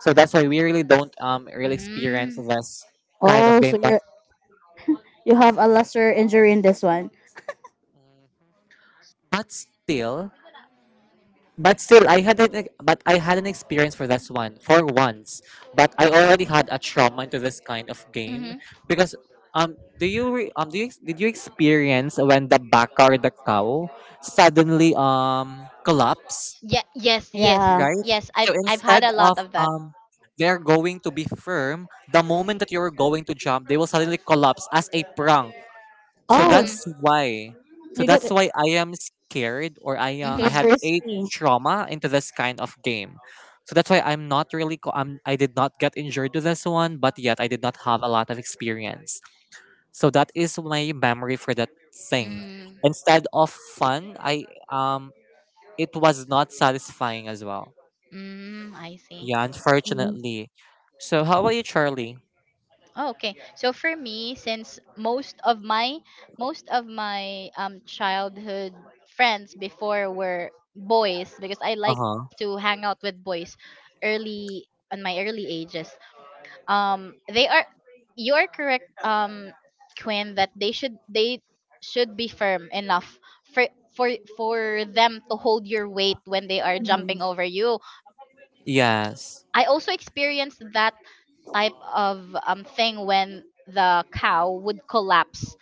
Speaker 3: so that's why we really don't really experience
Speaker 1: Mm.
Speaker 3: this kind of
Speaker 2: Oh,
Speaker 3: game.
Speaker 2: so you have a lesser injury in this one.
Speaker 3: But still, But still, I had an experience for this one for once. But I already had a trauma into this kind of game
Speaker 1: Mm-hmm.
Speaker 3: because, do you re, do you ex- did you experience when the baka or the cow suddenly collapse,
Speaker 1: Yeah, yes, yes.
Speaker 2: Yeah.
Speaker 3: right?
Speaker 1: Yes, I've
Speaker 3: So
Speaker 1: I've had a
Speaker 3: instead
Speaker 1: lot of
Speaker 3: of,
Speaker 1: that.
Speaker 3: they're going to be firm, the moment that you're going to jump, they will suddenly collapse as a prank. So
Speaker 2: Oh,
Speaker 1: Mhm.
Speaker 3: that's why. So
Speaker 2: you get
Speaker 3: that's
Speaker 2: so
Speaker 3: why I am scared, or I
Speaker 2: it's
Speaker 1: Mhm.
Speaker 3: had a
Speaker 2: risky.
Speaker 3: trauma into this kind of game. So that's why I'm not really. I did not get injured to this one, but yet I did not have a lot of experience. So that is my memory for that thing.
Speaker 1: Mm.
Speaker 3: Instead of fun, I um, it was not satisfying as well.
Speaker 1: Mm, I see.
Speaker 3: Yeah, unfortunately. So how about you, Charlie?
Speaker 1: Oh, okay. So for me, since most of my childhood friends before were boys, because I
Speaker 3: Uh
Speaker 1: like
Speaker 3: huh.
Speaker 1: to hang out with boys early on, my early ages. They are you are correct, Quinn, that they should be firm enough for for them to hold your weight when they are jumping
Speaker 2: Mm-hmm.
Speaker 1: over you.
Speaker 3: Yes.
Speaker 1: I also experienced that type of thing when the cow would collapse,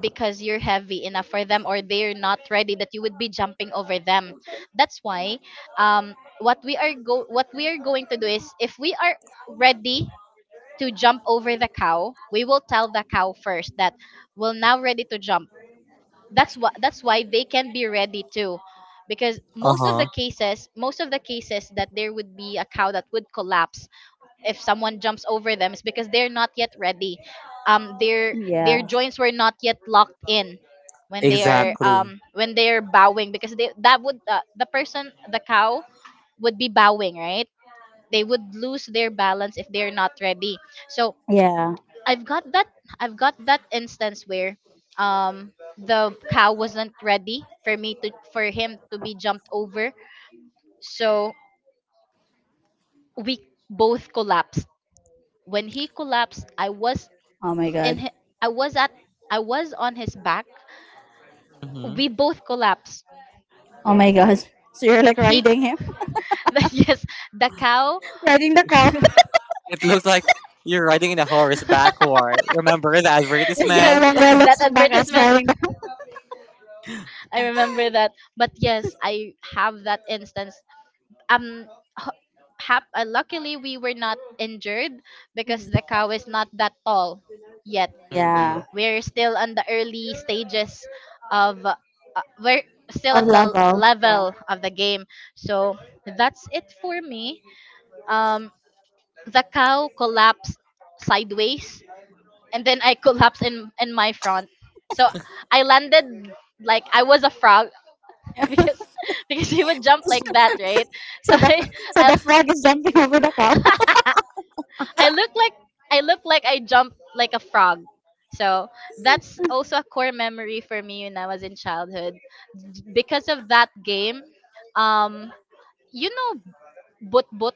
Speaker 1: because you're heavy enough for them, or they're not ready that you would be jumping over them. That's why, um, what we are going to do is, if we are ready to jump over the cow, we will tell the cow first that we're now ready to jump. That's why they can be ready too, because
Speaker 3: Uh
Speaker 1: most of the
Speaker 3: huh.
Speaker 1: cases most of the cases that there would be a cow that would collapse if someone jumps over them, it's because they're not yet ready. Their
Speaker 2: Yeah.
Speaker 1: joints were not yet locked in when they are,
Speaker 3: Exactly.
Speaker 1: when they're bowing, because the cow would be bowing, right? They would lose their balance if they're not ready. So
Speaker 2: Yeah.
Speaker 1: i've got that I've got that instance where, um the cow wasn't ready for him to be jumped over. So we both collapsed. When he collapsed,
Speaker 2: Oh my god.
Speaker 1: and he, I was at I was on his back.
Speaker 3: Mm-hmm.
Speaker 1: We both collapsed.
Speaker 2: Oh my gosh. So you're like
Speaker 1: He,
Speaker 2: riding him,
Speaker 1: (laughs) the, yes, the cow.
Speaker 2: (laughs) riding the cow.
Speaker 1: (laughs)
Speaker 3: It looks like you're riding in a horse backward. Remember the
Speaker 2: It's
Speaker 1: Yes,
Speaker 2: no
Speaker 3: advertisement?
Speaker 2: longer
Speaker 1: that
Speaker 2: looking back as
Speaker 1: advertisement.
Speaker 2: riding the.
Speaker 1: I remember that. But yes, I have that instance. Um h- hap- uh, luckily, we were not injured because
Speaker 2: Mhm.
Speaker 1: the
Speaker 2: (laughs)
Speaker 1: cow is not that tall yet.
Speaker 2: Yeah.
Speaker 3: Mm-hmm.
Speaker 1: We're still on the early stages of we're still
Speaker 2: Of
Speaker 1: at the
Speaker 2: level. Yeah.
Speaker 1: level of the game. So that's it for me. Um, the cow collapsed sideways, and then I collapsed in my front. So I landed like I was a frog (laughs) because because he would jump like that, right? (laughs)
Speaker 2: So
Speaker 1: So
Speaker 2: the
Speaker 1: I
Speaker 2: (laughs) so the frog is jumping over the cow.
Speaker 1: I, (laughs) I look like I look like I jumped like a frog. So that's also a core memory for me when I was in childhood. Because of that game, um, you know, but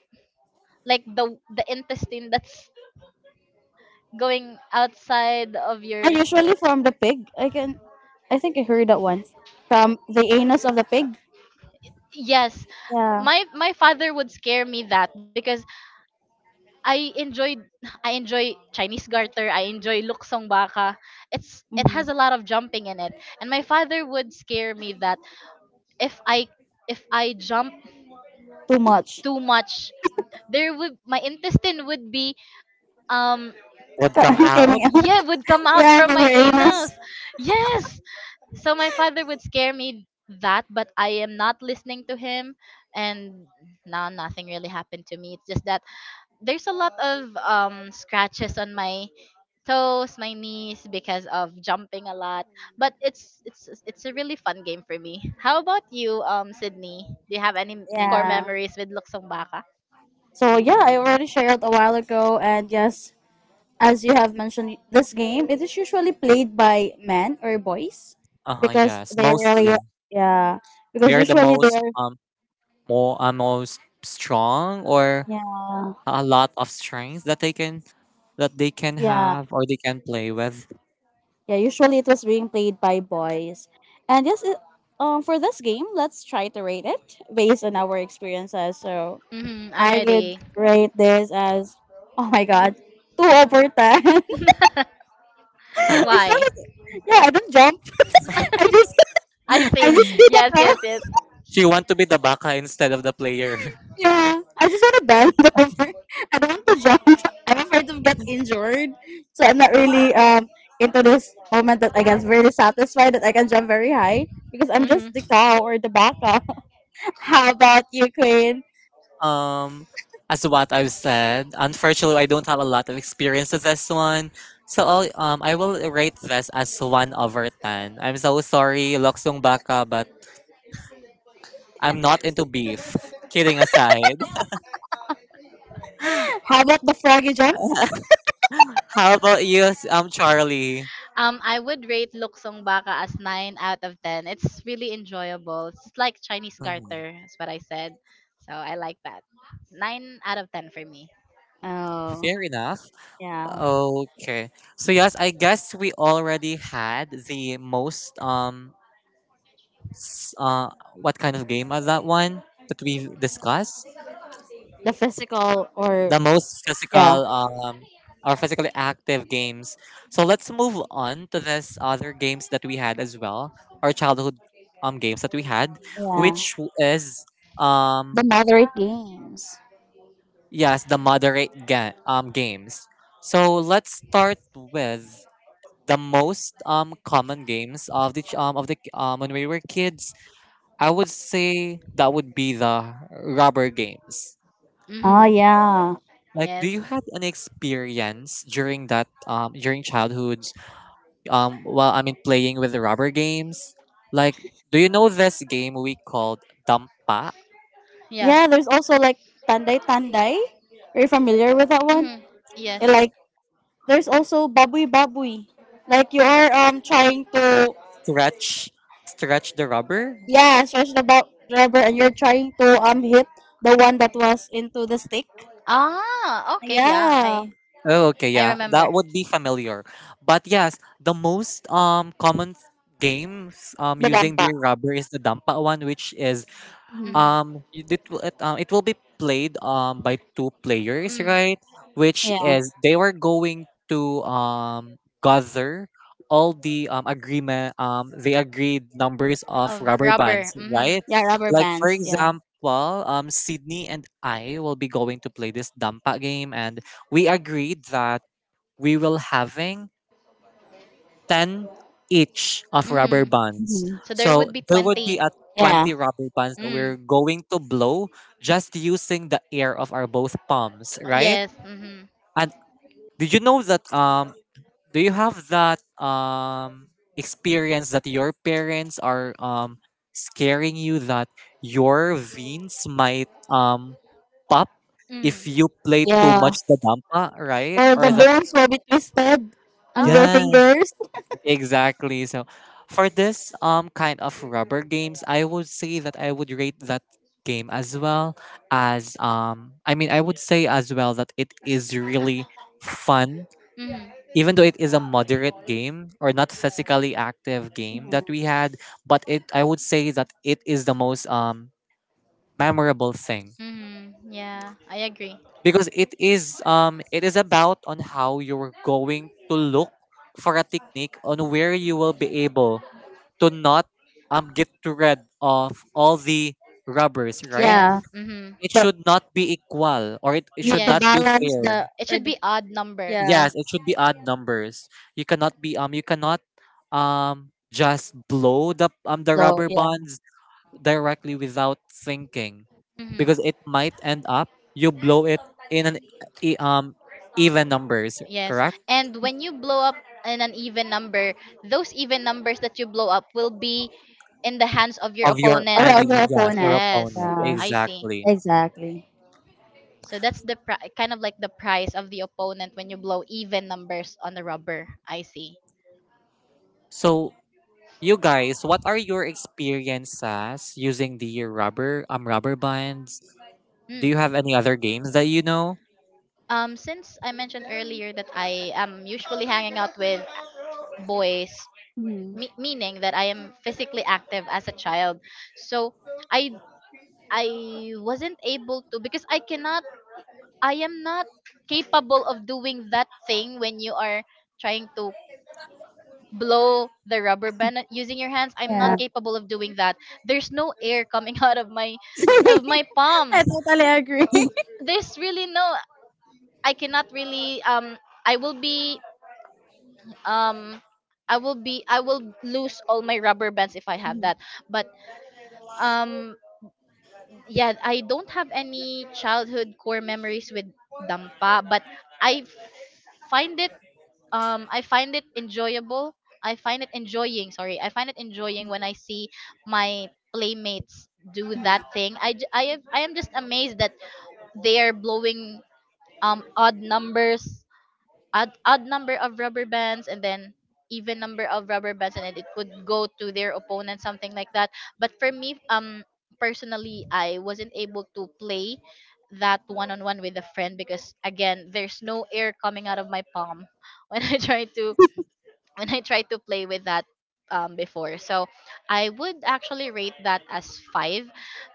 Speaker 1: like the intestine that's going outside of
Speaker 2: I
Speaker 1: your.
Speaker 2: usually from the pig. I can. I think I heard that once from the anus of the pig.
Speaker 1: Yes.
Speaker 2: Yeah.
Speaker 1: My father would scare me that, because I enjoyed I enjoy Chinese garter, I enjoy luksong baka. It
Speaker 2: Mhm.
Speaker 1: has a lot of jumping in it. And my father would scare me that if I jump
Speaker 2: Too much
Speaker 1: too much, there would my intestine would be, um
Speaker 2: (laughs)
Speaker 3: Would come out.
Speaker 2: coming out.
Speaker 1: yeah, would come out
Speaker 2: Yeah,
Speaker 1: from
Speaker 2: from
Speaker 1: my
Speaker 2: her
Speaker 1: anus.
Speaker 2: anus.
Speaker 1: Yes. So my father would scare me that, but I am not listening to him, and now nothing really happened to me. It's just that there's a lot of scratches on my toes, my knees, because of jumping a lot. But it's a really fun game for me. How about you, Sydney? Do you have any core
Speaker 2: Yeah.
Speaker 1: memories with Luksong Baka?
Speaker 2: So yeah, I already shared a while ago, and yes, as you have mentioned, this game, it is usually played by men or boys
Speaker 3: Uh huh.
Speaker 2: because
Speaker 3: Yes,
Speaker 2: they really,
Speaker 3: mostly
Speaker 2: yeah, because
Speaker 3: they're the
Speaker 2: usually they
Speaker 3: most
Speaker 2: are,
Speaker 3: more most strong, or
Speaker 2: yeah,
Speaker 3: a lot of strengths that they can
Speaker 2: yeah.
Speaker 3: have or they can play with.
Speaker 2: Yeah, usually it was being played by boys. And yes, for this game, let's try to rate it based on our experiences. So
Speaker 1: Mm-hmm, I'm
Speaker 2: I would
Speaker 1: ready.
Speaker 2: rate this as, (laughs) oh my god, 2 over 10.
Speaker 1: (laughs)
Speaker 2: (laughs)
Speaker 3: (laughs)
Speaker 2: It's not,
Speaker 1: Why?
Speaker 2: yeah, I don't jump. (laughs) I just,
Speaker 1: (laughs) I
Speaker 2: I
Speaker 1: see.
Speaker 2: just beat up
Speaker 1: Yes,
Speaker 2: now.
Speaker 1: yes,
Speaker 2: (laughs)
Speaker 1: yes.
Speaker 3: She want to be the baka instead of the player. (laughs)
Speaker 2: Yeah, I just want to bend (laughs) over. I don't want to jump. (laughs) I'm afraid to get injured, so I'm not really into this moment that I get really satisfied that I can jump very high because I'm just the
Speaker 1: Mm-hmm.
Speaker 2: cow or the baka. How about you, Queen?
Speaker 3: Um, as what I've said, unfortunately, I don't have a lot of experience with this one. So I will rate this as 1 over 10. I'm so sorry, Loksong Baka, but I'm not into beef. Kidding aside.
Speaker 2: How about the froggy jump?
Speaker 3: (laughs) How about you, Charlie?
Speaker 1: I would rate Luksong Baka as 9 out of 10. It's really enjoyable. It's like Chinese
Speaker 3: Mhm.
Speaker 1: garter, is what I said. So I like that. 9 out of 10 for me.
Speaker 2: Oh,
Speaker 3: Fair enough.
Speaker 2: yeah.
Speaker 3: Okay. So yes, I guess we already had the most, s- uh what kind of game of that one that we discussed.
Speaker 2: The physical or
Speaker 3: The most
Speaker 2: yeah,
Speaker 3: physical, or physically active games. So let's move on to this other games that we had as well, or childhood games that we had,
Speaker 2: Yeah.
Speaker 3: which is,
Speaker 2: The
Speaker 3: um
Speaker 2: moderate. Games.
Speaker 3: yes, the moderate games. So let's start with the most common games of the when we were kids. I would say that would be the rubber games.
Speaker 2: Oh,
Speaker 1: Mm-hmm.
Speaker 2: yeah.
Speaker 3: Like, do
Speaker 1: Yes.
Speaker 3: you have an experience during childhoods, well, I mean, playing with the rubber games? Like, do you know this game we called dampa?
Speaker 1: Yeah.
Speaker 2: Yeah, there's also like tanday tanday. Are you familiar with that one?
Speaker 1: Mm-hmm. Yes.
Speaker 2: And, like, there's also babui babui. Like, you are trying to
Speaker 3: Stretch, stretch the rubber.
Speaker 2: yeah stretch the rubber and you're trying to hit the one that was into the stick.
Speaker 1: Ah, okay, yeah.
Speaker 2: Yeah,
Speaker 1: I
Speaker 3: Oh, okay,
Speaker 1: I
Speaker 3: yeah, that
Speaker 1: remember.
Speaker 3: would be familiar. But yes, the most common games
Speaker 2: the
Speaker 3: using the
Speaker 2: dampa.
Speaker 3: rubber is the dampa one, which is,
Speaker 2: Mhm.
Speaker 1: Mm-hmm.
Speaker 3: It will be played by two players, right? Which
Speaker 2: Yeah,
Speaker 3: is, they were going to gather all the agreement the agreed numbers of
Speaker 1: Of
Speaker 3: rubber
Speaker 1: rubber.
Speaker 3: bands,
Speaker 1: Mm-hmm.
Speaker 3: right?
Speaker 2: yeah, rubber
Speaker 3: Like for
Speaker 2: bands. Yeah.
Speaker 3: example, Sydney and I will be going to play this dampa game, and we agreed that we will having 10 each of rubber
Speaker 1: Mm-hmm.
Speaker 3: bands.
Speaker 1: So there
Speaker 3: So
Speaker 1: would be
Speaker 3: there would be
Speaker 1: 20.
Speaker 3: a
Speaker 2: Yeah,
Speaker 3: 20 rubber bands that
Speaker 1: Mm.
Speaker 3: we're going to blow, just using the air of our both palms, right?
Speaker 1: Yes. Mm-hmm.
Speaker 3: And, did you know that do you have that experience that your parents are scaring you that your veins might pop if
Speaker 1: Mm.
Speaker 3: you play too
Speaker 2: yeah.
Speaker 3: much the dampa, right?
Speaker 2: Or the
Speaker 3: Or the,
Speaker 1: Oh.
Speaker 2: bones will be twisted on your
Speaker 1: Oh.
Speaker 3: yes,
Speaker 2: fingers.
Speaker 3: exactly. So for this kind of rubber games, I would say that I would rate that game as well, as, I mean, I would say as well that it is really fun,
Speaker 1: Mm-hmm.
Speaker 3: even though it is a moderate game or not physically active game
Speaker 2: Mhm.
Speaker 3: that we had, but, it I would say that it is the most memorable thing,
Speaker 1: Mm-hmm. Yeah, I agree.
Speaker 3: because it is about on how you're going to look for a technique on where you will be able to not get rid of all the rubbers, right?
Speaker 1: Yes.
Speaker 2: Yeah,
Speaker 1: Mm-hmm.
Speaker 3: It
Speaker 2: but
Speaker 3: should not be equal, or it
Speaker 2: you need
Speaker 3: should
Speaker 2: to
Speaker 3: not
Speaker 1: Yes.
Speaker 3: be
Speaker 2: balance
Speaker 3: fair.
Speaker 2: the
Speaker 1: It
Speaker 2: or
Speaker 1: should
Speaker 2: the,
Speaker 1: be odd number.
Speaker 2: yeah.
Speaker 3: Yes, it should be odd numbers. You cannot just blow the
Speaker 2: So
Speaker 3: rubber
Speaker 2: yeah,
Speaker 3: bands directly without thinking,
Speaker 1: Hmm.
Speaker 3: because it might end up you blow it in an e- um even numbers,
Speaker 1: Yes.
Speaker 3: correct?
Speaker 1: And when you blow up in an even number, those even numbers that you blow up will be in the hands of your
Speaker 3: Of your
Speaker 2: or
Speaker 1: opponent.
Speaker 2: your
Speaker 3: enemy,
Speaker 2: your
Speaker 3: yes, or
Speaker 2: opponent.
Speaker 1: Yes.
Speaker 3: opponent.
Speaker 2: Yeah,
Speaker 1: I see.
Speaker 3: Exactly.
Speaker 2: exactly.
Speaker 1: So that's the kind of like the price of the opponent when you blow even numbers on the rubber. I see.
Speaker 3: So, you guys, what are your experiences using the rubber bands? Do
Speaker 1: Hmm.
Speaker 3: you have any other games that you know?
Speaker 1: Since I mentioned earlier that I am usually hanging out with boys,
Speaker 2: Mhm.
Speaker 1: meaning that I am physically active as a child, so i I wasn't able to, because I am not capable of doing that thing when you are trying to blow the rubber band using your hands. I'm
Speaker 2: Yeah,
Speaker 1: not
Speaker 2: (laughs)
Speaker 1: capable of doing that. There's no air coming (laughs) out of my
Speaker 2: I
Speaker 1: palm.
Speaker 2: totally agree.
Speaker 1: There's really no, I cannot really, I will be, um I will be, I will lose all my rubber bands if I have that.
Speaker 2: (laughs)
Speaker 1: But um yeah, I don't have any childhood core memories with dampa, but i find it I find it enjoyable. I find it enjoying, sorry, I find it enjoying when I see my playmates do
Speaker 2: Mhm.
Speaker 1: that thing. I am just amazed that they are blowing, um odd numbers odd number of rubber bands, and then even number of rubber bands, and then it would go to their opponent, something like that. But for me, personally, I wasn't able to play that one on one with a friend, because again, there's no air coming out of my palm, (laughs) when i try to when I tried to play with that, before. So I would actually rate that as five,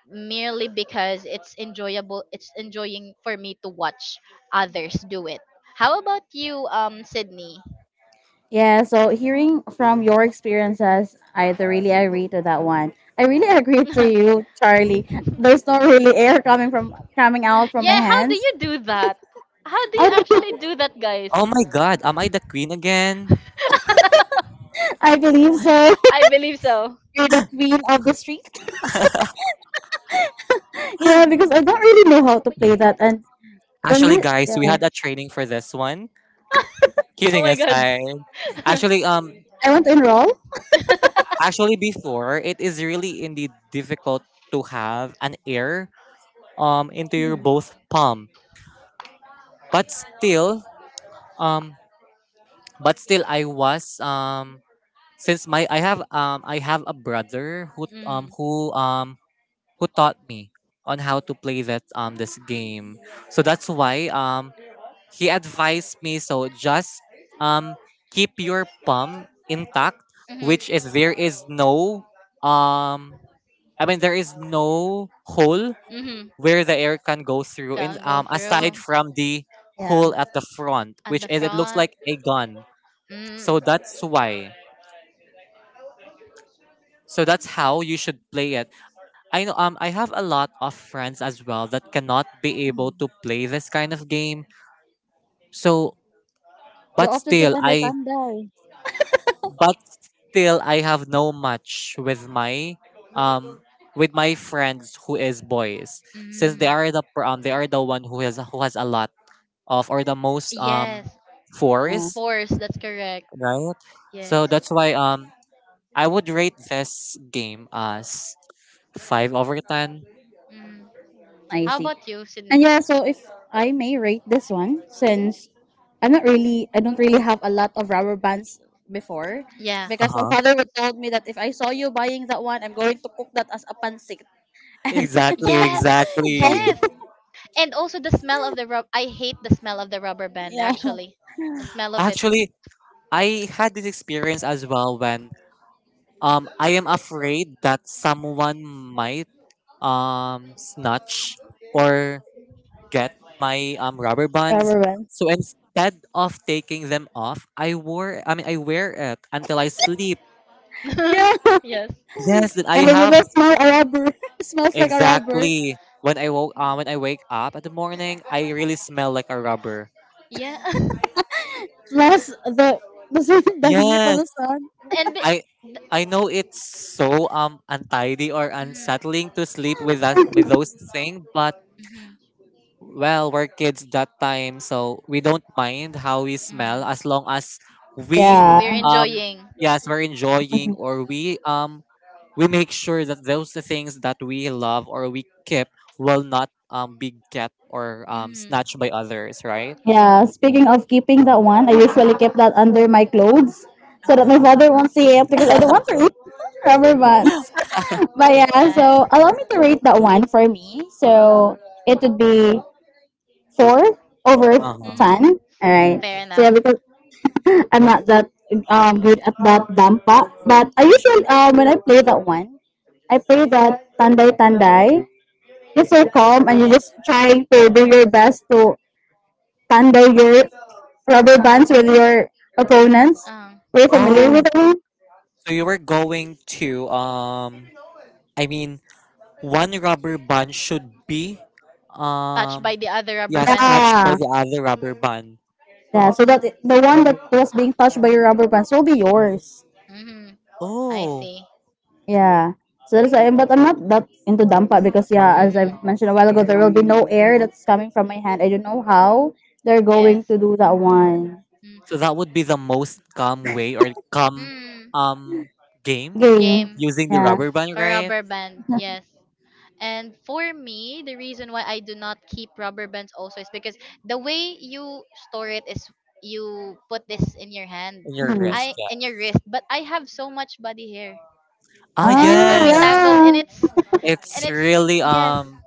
Speaker 1: merely because it's enjoyable. It's enjoying for me to watch others do it. How about you, Sydney?
Speaker 2: Yeah. So hearing from your experiences, really agree to that one. I really (laughs)
Speaker 1: (laughs)
Speaker 2: agree
Speaker 1: Yeah,
Speaker 2: to you, Charlie. There's not really air coming out from my
Speaker 1: how do
Speaker 2: hands.
Speaker 1: you do that? How do
Speaker 2: I
Speaker 1: you
Speaker 2: don't,
Speaker 1: actually
Speaker 2: (laughs)
Speaker 1: do that, guys?
Speaker 3: Oh my god, am I the queen again?
Speaker 2: I believe so. (laughs)
Speaker 1: I believe so.
Speaker 2: You're the queen of the street. Yeah, because I don't really know how to play that. And when
Speaker 3: Actually,
Speaker 2: we,
Speaker 3: guys, we
Speaker 2: yeah,
Speaker 3: had a training for this one.
Speaker 1: Oh
Speaker 3: Kidding
Speaker 1: my god.
Speaker 3: aside. Actually um
Speaker 2: I want to enroll.
Speaker 3: actually before, it is really indeed difficult to have an air into your
Speaker 2: Mhm.
Speaker 3: both palm. But still um but still I was
Speaker 1: (laughs)
Speaker 3: since my I have a brother who um
Speaker 1: Mm.
Speaker 3: who um who taught me on how to play that this game. So that's why, he advised me, so just um keep your palm intact,
Speaker 1: Mhm.
Speaker 3: which is there is no, um I mean, there is no hole
Speaker 1: Mhm.
Speaker 3: where the air can go through, and
Speaker 1: Go
Speaker 3: aside
Speaker 1: through
Speaker 3: from the
Speaker 2: Yeah.
Speaker 3: hole at the front,
Speaker 1: at
Speaker 3: which
Speaker 1: the
Speaker 3: is it looks
Speaker 1: front.
Speaker 3: like a gun.
Speaker 1: Mm.
Speaker 3: So that's why. So that's how you should play it. I know I have a lot of friends as well that cannot be able
Speaker 2: Mhm.
Speaker 3: to play this kind of game. So
Speaker 2: You're
Speaker 3: but
Speaker 2: off to
Speaker 3: still I
Speaker 2: Tanday.
Speaker 3: but still I have no match with my, um with my friends who is boys, since they
Speaker 1: Mm.
Speaker 3: are they are the one who has a lot of, or the most,
Speaker 1: Yes.
Speaker 2: Yeah,
Speaker 3: fours,
Speaker 1: Force. That's correct.
Speaker 3: right?
Speaker 1: Yes.
Speaker 3: So that's why, I would rate this game as 5/10.
Speaker 1: Mm.
Speaker 2: I
Speaker 1: How
Speaker 2: see.
Speaker 1: about you,
Speaker 2: And
Speaker 1: Sydney?
Speaker 2: yeah, so if I may rate this one, since I'm not really, I don't really have a lot of rubber bands before,
Speaker 1: Yeah.
Speaker 3: Uh
Speaker 2: because my
Speaker 3: huh
Speaker 2: father would told me that if I saw you buying that one, I'm going to cook that as a pancit. (laughs) And
Speaker 3: exactly,
Speaker 1: Yes.
Speaker 3: exactly.
Speaker 2: (laughs)
Speaker 1: Yes. And also the smell of the rub. I hate the smell of the rubber band.
Speaker 2: yeah,
Speaker 1: Actually, the smell of it.
Speaker 3: Actually, I had this experience as well when, I am afraid that someone might snatch or get my rubber bands.
Speaker 2: rubber band.
Speaker 3: So instead of taking them off, I wore, I mean, I wear it until I sleep.
Speaker 2: Yeah,
Speaker 1: (laughs) Yes.
Speaker 3: Yes, that I
Speaker 2: and then you
Speaker 3: have.
Speaker 2: will smell a rubber. (laughs) Smells like a rubber.
Speaker 3: Exactly. When I woke when I wake up in the morning, I really smell like a rubber.
Speaker 1: Yeah. (laughs)
Speaker 2: Plus the (laughs) the heat of
Speaker 3: Yes,
Speaker 2: the sun.
Speaker 1: And be-
Speaker 3: I I know it's so untidy or
Speaker 1: Mhm.
Speaker 3: unsettling to sleep with us with those things, but
Speaker 1: Mhm.
Speaker 3: well, we're kids that time, so we don't mind how we
Speaker 1: Mm.
Speaker 3: smell as long as we,
Speaker 1: We're
Speaker 2: Yeah.
Speaker 3: um
Speaker 1: enjoying.
Speaker 3: yes, we're enjoying, or we make sure that those things that we love or we keep will not be get or
Speaker 1: Mm-hmm.
Speaker 3: snatched by others, right?
Speaker 2: Yeah. Speaking of keeping that one, I usually keep that under my clothes so that my father won't see it because I don't want to eat rubber bands. (laughs) But yeah, so allow me to rate that one for me. So it would be four over
Speaker 1: Uh,
Speaker 3: Uh-huh.
Speaker 1: mm-hmm.
Speaker 2: ten. All right.
Speaker 1: Fair
Speaker 2: So yeah,
Speaker 1: enough.
Speaker 2: because I'm not that good at that dampa, but I usually when I play that one, I play that tanday tanday. It's so calm, and you just trying to do your best to stand by your rubber bands with your opponents.
Speaker 1: Um,
Speaker 2: Were you familiar
Speaker 3: Oh,
Speaker 2: with that one?
Speaker 3: so you were going to, I mean, one rubber band should be,
Speaker 1: touched
Speaker 3: um
Speaker 1: by the other rubber
Speaker 3: yes,
Speaker 1: band.
Speaker 3: touched by
Speaker 2: Yeah.
Speaker 3: the other rubber band.
Speaker 2: Yeah. So that the one that was being touched by your rubber bands will be yours.
Speaker 1: Mm-hmm. I
Speaker 3: Oh,
Speaker 1: see.
Speaker 2: Yeah. So that's why, but I'm not that into dampa because yeah, as
Speaker 1: Mm-hmm.
Speaker 2: I've mentioned a while ago, there will be no air that's coming from my hand. I don't know how they're going
Speaker 1: Yes.
Speaker 2: to do that one
Speaker 3: so that
Speaker 1: Mm.
Speaker 3: would be the most calm way, or calm,
Speaker 1: Mm.
Speaker 3: um game
Speaker 2: game.
Speaker 1: Game
Speaker 3: using the
Speaker 2: Yeah.
Speaker 3: rubber band,
Speaker 1: for
Speaker 3: right?
Speaker 1: rubber band, yes, and for me the reason why I do not keep rubber bands also is because the way you store it is you put this in your hand,
Speaker 3: On your
Speaker 2: Mhm.
Speaker 3: wrist,
Speaker 1: I
Speaker 3: yeah.
Speaker 1: in your wrist. But I have so much body hair,
Speaker 3: Ah,
Speaker 1: and it
Speaker 2: Ah,
Speaker 1: would be
Speaker 3: yes,
Speaker 1: tangled, and
Speaker 2: yeah.
Speaker 1: it's and
Speaker 3: it's
Speaker 1: it's
Speaker 3: really,
Speaker 1: yes,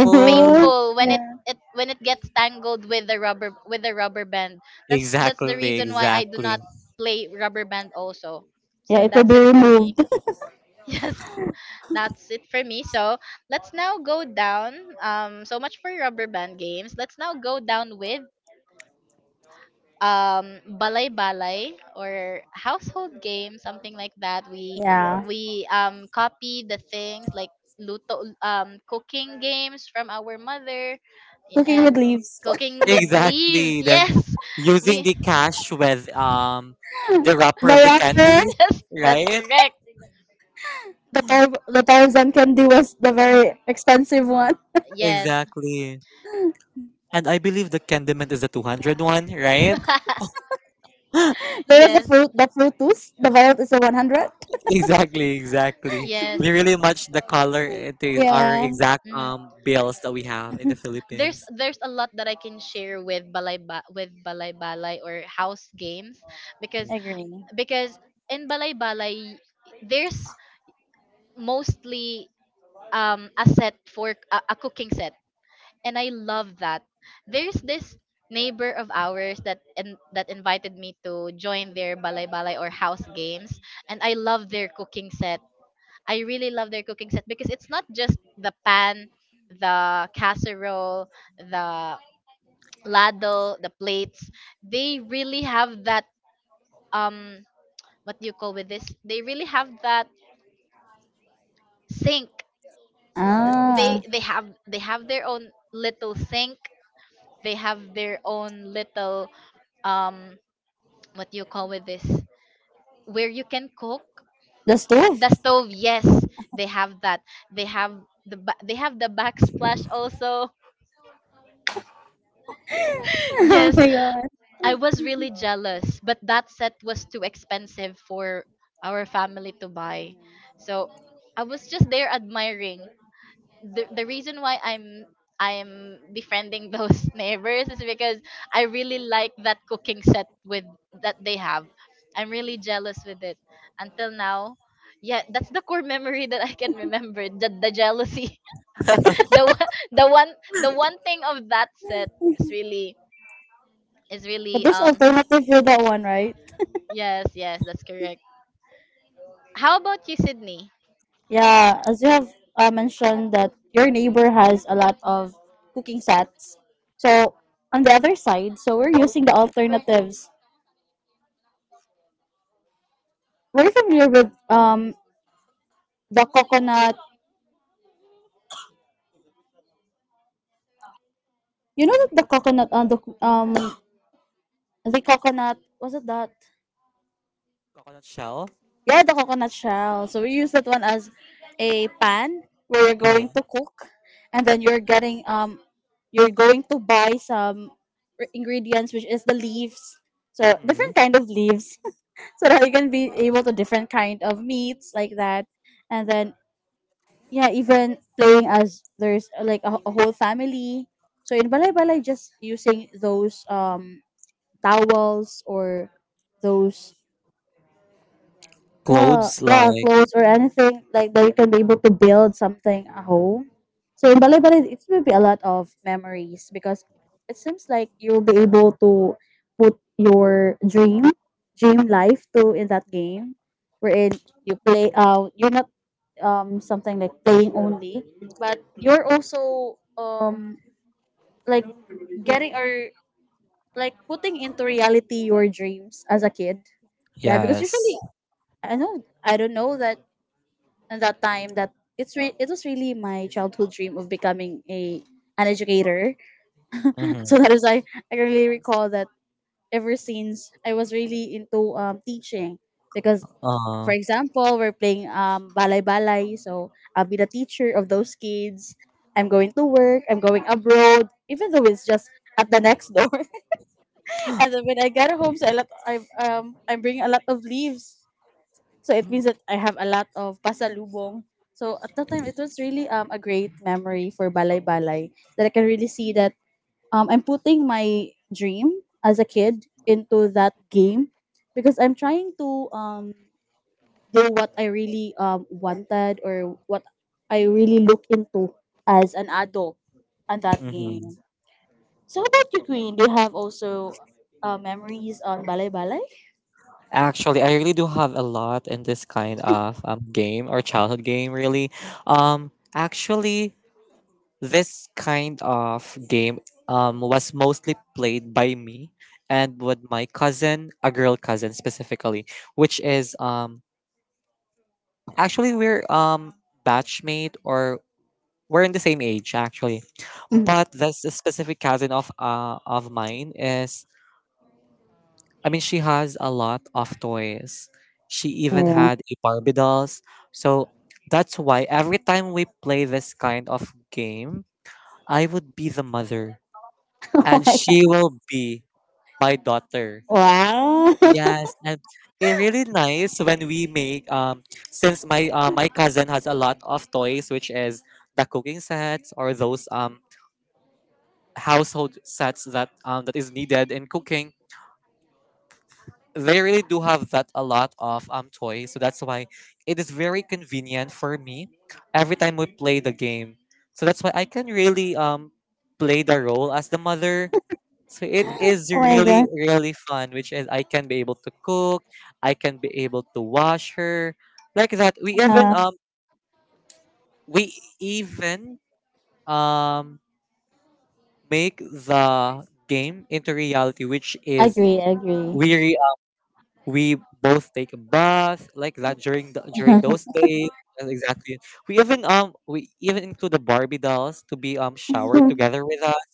Speaker 1: it's painful
Speaker 2: (laughs)
Speaker 1: when it
Speaker 2: Yeah.
Speaker 1: it when it gets tangled with the rubber band. That's the
Speaker 3: Exactly,
Speaker 1: reason why I do
Speaker 3: exactly.
Speaker 1: not play rubber band also.
Speaker 2: Yeah,
Speaker 1: So
Speaker 2: it will
Speaker 1: that's
Speaker 2: be
Speaker 1: it for me.
Speaker 2: removed.
Speaker 1: (laughs) Yes, that's it for me. So let's now go down. So much for rubber band games. Let's now go down with balay balay or household game, something like that. We
Speaker 2: Yeah.
Speaker 1: we um copy the things like luto cooking games from our mother,
Speaker 2: Cooking
Speaker 1: and
Speaker 2: with leaves.
Speaker 1: cooking with leaves.
Speaker 3: Exactly, then
Speaker 1: Yes, (laughs)
Speaker 3: using
Speaker 1: we
Speaker 3: the cash with, the wrapper of the
Speaker 2: The rapper,
Speaker 3: candies,
Speaker 1: (laughs) yes, that's
Speaker 3: right?
Speaker 1: correct.
Speaker 2: the Tarzan candy was the very expensive one.
Speaker 1: Yes,
Speaker 3: Exactly. And I believe the Candyman is the 200 one, right?
Speaker 1: (laughs)
Speaker 3: (gasps) (laughs)
Speaker 2: (laughs) There was the
Speaker 1: yes.
Speaker 2: fruit, the fruitus. The violet is the 100.
Speaker 3: Exactly, exactly.
Speaker 1: Yes.
Speaker 3: We really match the color. It is our
Speaker 2: Yeah,
Speaker 3: exact
Speaker 1: Mhm.
Speaker 3: bills that we have in the
Speaker 1: There's
Speaker 3: Philippines.
Speaker 1: there's a lot that I can share with with balay balay or house games, because
Speaker 3: Mhm.
Speaker 2: agree.
Speaker 1: because in balay balay there's mostly a set for a cooking set, and I love that. There's this neighbor of ours that invited me to join their balay balay or house games, and I really love their cooking set, because it's not just the pan, the casserole, the ladle, the plates. They really have that, um what do you call with this? They really have that sink. They
Speaker 2: Ah,
Speaker 1: they have they have their own little sink. They have their own little, um what do you call with this? Where you can cook.
Speaker 2: the stove.
Speaker 1: The stove, yes, they have that. They have the ba- they have the backsplash also.
Speaker 2: (laughs)
Speaker 1: (laughs)
Speaker 2: Oh
Speaker 1: Yes,
Speaker 2: my god!
Speaker 1: I was really jealous, but that set was too expensive for our family to buy. So I was just there admiring. The reason why I'm befriending those (laughs) neighbors is because I really like that cooking set with that they have. I'm really jealous with it. Until now, yeah, that's the core memory (laughs) that I can remember. The jealousy. (laughs) The one thing of that set is really is
Speaker 2: But
Speaker 1: really
Speaker 2: there's alternative for that one, right?
Speaker 1: Yes, yes, that's correct. How about you, Sydney?
Speaker 2: Yeah, as you have mentioned that your neighbor has a lot of cooking sets. So on the other side, so we're using the alternatives. Were you familiar with the coconut? You know that the coconut on the um the coconut, was it that?
Speaker 3: Coconut shell.
Speaker 2: Yeah, the coconut shell. So we use that one as a pan where you're going
Speaker 3: Hmm.
Speaker 2: to cook, and then you're getting you're going to buy some ingredients, which is the leaves. So
Speaker 3: Hmm.
Speaker 2: different kind of leaves, (laughs) so that you can be able to different kind of meats like that, and then yeah, even playing as there's like a whole family. So in balay balay, just using those towels or those yeah,
Speaker 3: Clothes
Speaker 2: yeah,
Speaker 3: like.
Speaker 2: clothes or anything like that you can be able to build something at home. So in Balay Balay, it will be a lot of memories because it seems like you'll be able to put your dream, dream life to in that game, wherein you play. You're not something like playing only, but you're also like getting or like putting into reality your dreams as a kid. Yeah, because
Speaker 3: Yes.
Speaker 2: usually I know I don't know that at that time that it was really my childhood dream of becoming a an educator. (laughs)
Speaker 3: Mm-hmm.
Speaker 2: So that is I really recall that ever since I was really into teaching because
Speaker 3: Uh,
Speaker 2: for example we're playing balay balay so I'll be the teacher of those kids. I'm going to work. I'm going abroad, even though it's just at the next door. (laughs) And then when I get home, so I'm bringing a lot of leaves so it means that I have a lot of pasalubong. So at that time, it was really a great memory for Balay Balay that I can really see that I'm putting my dream as a kid into that game because I'm trying to do what I really wanted or what I really look into as an adult on that
Speaker 3: hmm.
Speaker 2: game. So how about you, Queen? Do you have also memories on Balay Balay?
Speaker 3: Actually, I really do have a lot in this kind of game, or childhood game. Really, um, actually. This kind of game, was mostly played by me and with my cousin, a girl cousin specifically, which is, actually, we're, batchmate, or we're in the same age actually.
Speaker 2: Mhm.
Speaker 3: But this specific cousin of mine is, I mean, she has a lot of toys. She even
Speaker 2: Yeah.
Speaker 3: had a Barbie dolls. So that's why every time we play this kind of game, I would be the mother,
Speaker 2: (laughs) Oh
Speaker 3: and
Speaker 2: my
Speaker 3: she
Speaker 2: God.
Speaker 3: will be my daughter.
Speaker 2: Wow. (laughs)
Speaker 3: Yes, and it's really nice when we make, since my cousin has a lot of toys, which is the cooking sets, or those household sets that is needed in cooking. They really do have that a lot of toys, so that's why it is very convenient for me every time we play the game. So that's why I can really play the role as the mother. So it is
Speaker 2: Oh my
Speaker 3: really
Speaker 2: God.
Speaker 3: really fun, which is I can be able to cook, I can be able to wash her, like that. We even
Speaker 2: Yeah,
Speaker 3: um we even um make the game into reality, which is
Speaker 2: agree, agree.
Speaker 3: we we both take a bath like that during during those days. Yes, exactly, we even include the Barbie dolls to be showered together with us.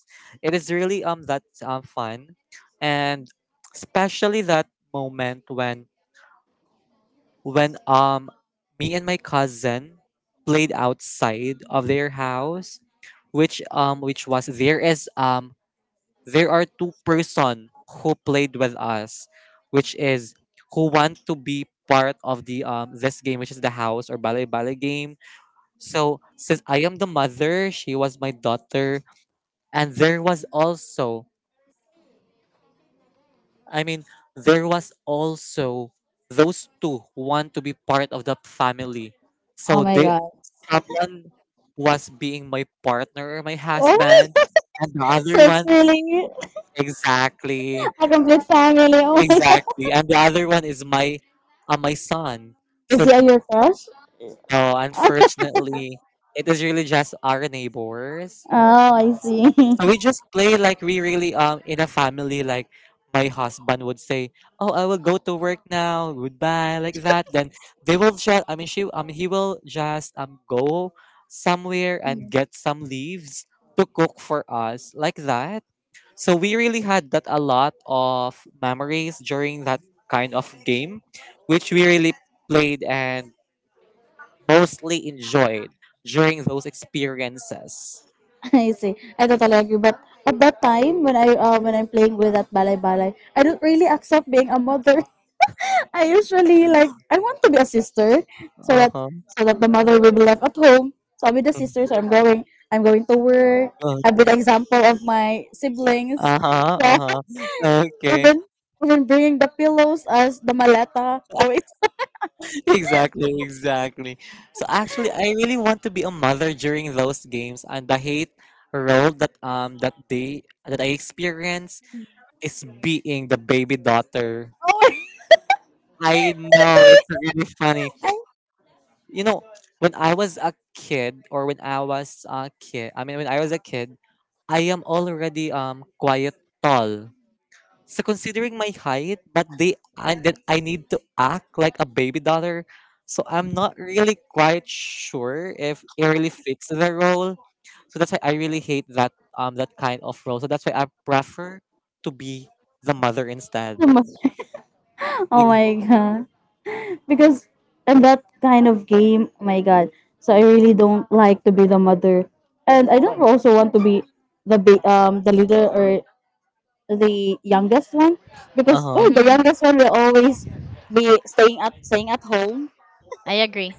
Speaker 3: It is really that fun. And especially that moment when me and my cousin played outside of their house, which was there are two-person who played with us, which is who want to be part of the this game, which is the house or ballet ballet game. So since I am the mother, she was my daughter, and there was also, I mean, there was also those two who want to be part of the family.
Speaker 2: Oh
Speaker 3: So
Speaker 2: my
Speaker 3: they
Speaker 2: god.
Speaker 3: someone was being my partner or my
Speaker 2: Oh
Speaker 3: husband,
Speaker 2: my (laughs)
Speaker 3: and the
Speaker 2: gosh,
Speaker 3: other
Speaker 2: it's
Speaker 3: one,
Speaker 2: really
Speaker 3: exactly.
Speaker 2: a complete family. Oh my god.
Speaker 3: Exactly. And the other one is my son.
Speaker 2: Is
Speaker 3: So
Speaker 2: he your crush?
Speaker 3: no,
Speaker 2: (laughs)
Speaker 3: unfortunately, it is really just our neighbors.
Speaker 2: Oh, I see.
Speaker 3: So we just play like we really, in a family. Like, my husband would say, "Oh, I will go to work now. Goodbye," like that. Then they will just, I mean, she he will just go somewhere and get some leaves to cook for us like that. So we really had that a lot of memories during that kind of game, which we really played and mostly enjoyed during those experiences.
Speaker 2: (laughs) I see. I totally agree. But at that time, when I when I'm playing with that balay balay, I don't really accept being a mother. I usually like I want to be a sister so that
Speaker 3: Uh-huh.
Speaker 2: so that the mother will be left at home. So I'll be the sister. So I'm going to work.
Speaker 3: Uh,
Speaker 2: I'll be the example of my siblings.
Speaker 3: Uh-huh.
Speaker 2: Yeah.
Speaker 3: Uh-huh.
Speaker 2: (laughs)
Speaker 3: Okay.
Speaker 2: Even
Speaker 3: (laughs)
Speaker 2: even bringing the pillows as the maleta going
Speaker 3: Exactly, exactly. So actually, I really want to be a mother during those games, and the hate role that I experience is being the baby daughter.
Speaker 2: forward.
Speaker 3: I know it's really funny.
Speaker 2: (laughs) I'm
Speaker 3: You know, when I was a kid, or when I was a kid, I mean, when I was a kid, I am already quite tall, so considering my height, but they and then I need to act like a baby daughter, so I'm not really quite sure if it really fits the role, so that's why I really hate that kind of role, so that's why I prefer to be the mother instead.
Speaker 2: the oh
Speaker 3: Ex-
Speaker 2: my god. Because in that kind of game, oh my god. So I really don't like to be the mother. And I don't also want to be the the leader or the youngest one because oh
Speaker 3: uh-huh.
Speaker 2: the
Speaker 1: Mm-hmm.
Speaker 2: youngest one will always be staying at home.
Speaker 1: I agree.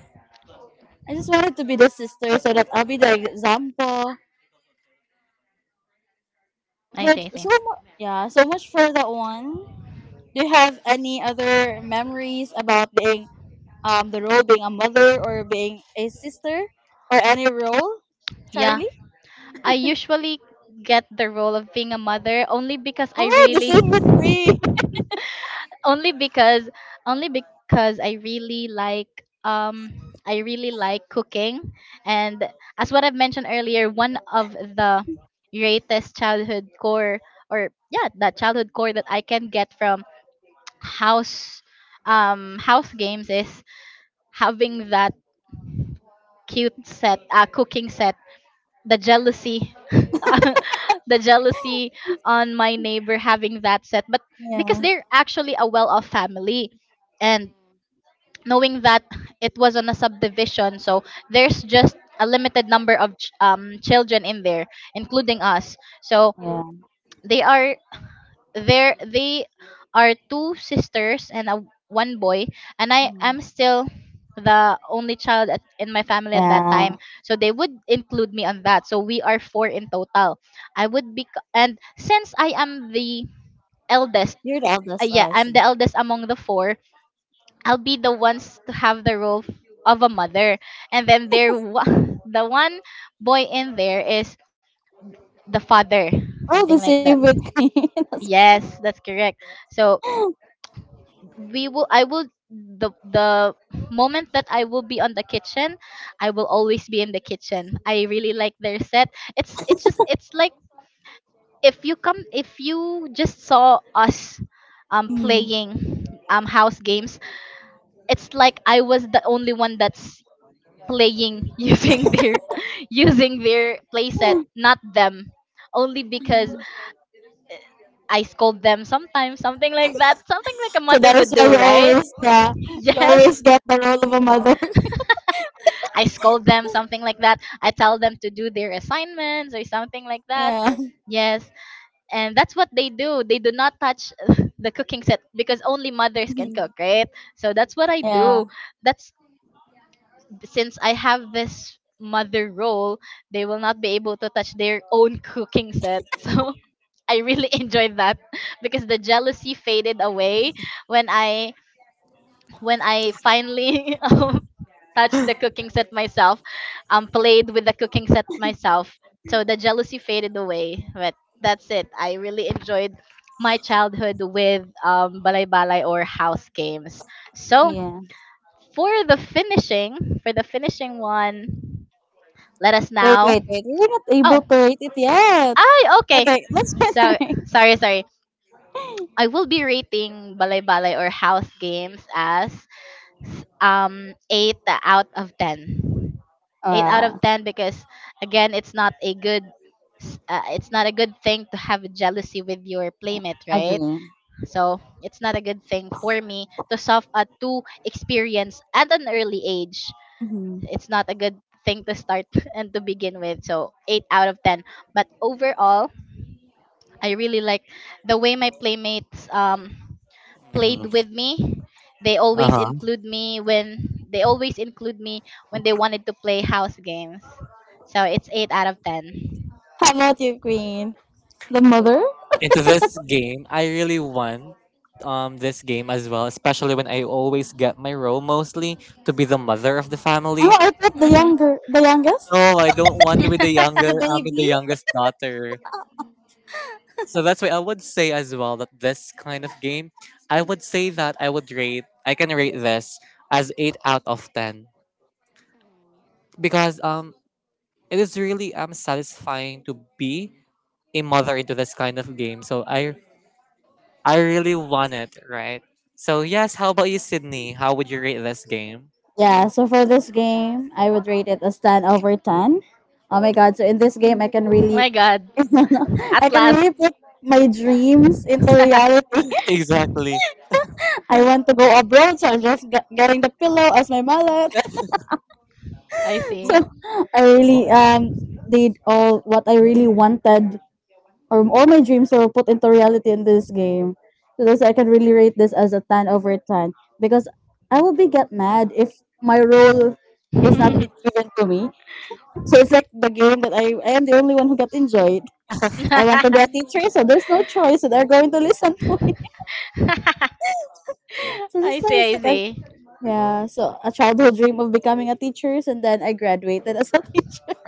Speaker 2: I just wanted to be the sister so that I'll be the example.
Speaker 1: I see,
Speaker 2: But
Speaker 1: I see.
Speaker 2: so yeah, so much for that one. Do you have any other memories about being the role being a mother or being a sister or any role,
Speaker 1: Yeah.
Speaker 2: Charlie?
Speaker 1: I usually get the role of being a mother only because I
Speaker 2: Oh, the
Speaker 1: really
Speaker 2: same with me. (laughs)
Speaker 1: (laughs) only because only because um I really like cooking, and as what I've mentioned earlier, one of the greatest childhood core or yeah, that childhood core that I can get from (tsk) house house games is having that cute set, cooking set, the jealousy, (laughs) the jealousy on my neighbor having that set. But because
Speaker 2: Yeah,
Speaker 1: they're actually a well off family, and knowing that it was on a subdivision, so there's just a limited number of ch- children in there, including us. So
Speaker 2: yeah,
Speaker 1: they are they are two sisters and a, one boy, and I
Speaker 2: Mhm.
Speaker 1: am still the only child at, in my family at that time.
Speaker 2: Yeah.
Speaker 1: So they would include me on that. So we are four in total. I would be and since I am the eldest,
Speaker 2: You're the eldest,
Speaker 1: yeah,
Speaker 2: oh, I
Speaker 1: I'm
Speaker 2: see.
Speaker 1: the eldest among the four. I'll be the ones to have the role f- of a mother. And then there wa- (laughs) the one boy in there is the father,
Speaker 2: Oh,
Speaker 1: something
Speaker 2: the
Speaker 1: like
Speaker 2: same
Speaker 1: that.
Speaker 2: with me. (laughs) That's-
Speaker 1: Yes, that's correct. So we will I will the moment that I will be on the kitchen, I will always be in the kitchen. I really like their set. It's like if you come, if you just saw us playing house games, it's like I was the only one that's playing (laughs) using their playset, not them, only because I scold them sometimes, something like that, something like a
Speaker 2: So
Speaker 1: mother
Speaker 2: that is
Speaker 1: would
Speaker 2: why
Speaker 1: do,
Speaker 2: you
Speaker 1: right?
Speaker 2: always yeah,
Speaker 1: (laughs)
Speaker 2: you always
Speaker 1: Yes,
Speaker 2: get the role of a mother. (laughs)
Speaker 1: I scold them, something like that. I tell them to do their assignments or something like that.
Speaker 2: Yeah.
Speaker 1: Yes, and that's what they do. They do not touch (laughs) the cooking set because only mothers can cook,
Speaker 2: Mhm.
Speaker 1: right? So that's what I
Speaker 2: Yeah.
Speaker 1: do. That's since I have this mother role, they will not be able to touch their own cooking set. (laughs) So I really (laughs) enjoyed that because the jealousy faded away when I finally (laughs) touched the cooking set myself, played with the cooking set myself. So the jealousy faded away. But that's it. I really enjoyed my childhood with balay balay or house games. So
Speaker 2: Yeah.
Speaker 1: for the finishing one, let us
Speaker 2: Wait,
Speaker 1: now.
Speaker 2: wait, wait. We're not able
Speaker 1: Oh,
Speaker 2: to rate it yet.
Speaker 1: I okay.
Speaker 2: Okay, let's try to
Speaker 1: So
Speaker 2: rate. (laughs)
Speaker 1: sorry, sorry. I will be rating balay balay or house games as eight out of ten. Eight out of
Speaker 2: Uh,
Speaker 1: ten because again, it's not a good s- it's not a good thing to have jealousy with your playmate, right?
Speaker 2: agree.
Speaker 1: So it's not a good thing for me to soft to experience at an early age.
Speaker 2: Hmm.
Speaker 1: It's not a good thing to start (laughs) and to begin with. So eight out of ten. But overall, I really like the way my playmates played
Speaker 3: uh
Speaker 1: with me. They always
Speaker 3: uh-huh.
Speaker 1: include me when they always include me when they wanted to play house games. So it's eight out of 10.
Speaker 2: How about you, Queen? The mother?
Speaker 3: Into this game. I really want, this game as well, especially when I always get my role mostly to be the mother of the
Speaker 2: Oh,
Speaker 3: family.
Speaker 2: I thought the
Speaker 1: Hmm.
Speaker 2: younger, the youngest,
Speaker 3: No, I don't want to be the younger.
Speaker 2: the
Speaker 3: I mean the
Speaker 2: baby.
Speaker 3: youngest daughter. So that's why I would say as well that this kind of game, I would say that I would rate. I can rate this as 8/10 because it is really satisfying to be a mother into this kind of game. So I really want it, right? So yes, how about you, Sydney? How would you rate this game?
Speaker 2: Yeah. So for this game, I would rate it as 10/10. Oh my god! So in this game, I can
Speaker 1: (laughs)
Speaker 2: really,
Speaker 1: My God!
Speaker 2: (laughs) I
Speaker 1: At
Speaker 2: can
Speaker 1: last,
Speaker 2: really put
Speaker 1: (laughs)
Speaker 2: my dreams into reality.
Speaker 3: Exactly.
Speaker 2: I
Speaker 3: (laughs)
Speaker 2: want to go abroad, so I'm just getting the pillow as my mallet.
Speaker 1: I
Speaker 2: (laughs) So
Speaker 1: see.
Speaker 2: I really did all what I really wanted, or all my dreams were put into reality in this game. So that's why I can really rate this as a 10/10 because I will be get mad if my role is not being given to me. So it's like the game that I am the only one who got enjoyed. I want to be a teacher, so there's no choice, so they're going to listen to me. (laughs)
Speaker 1: (laughs) (laughs)
Speaker 2: So that's
Speaker 1: I see,
Speaker 2: why it's
Speaker 1: I
Speaker 2: like
Speaker 1: see.
Speaker 2: yeah, so a childhood dream of becoming a teacher, and then I graduated as a (laughs) teacher.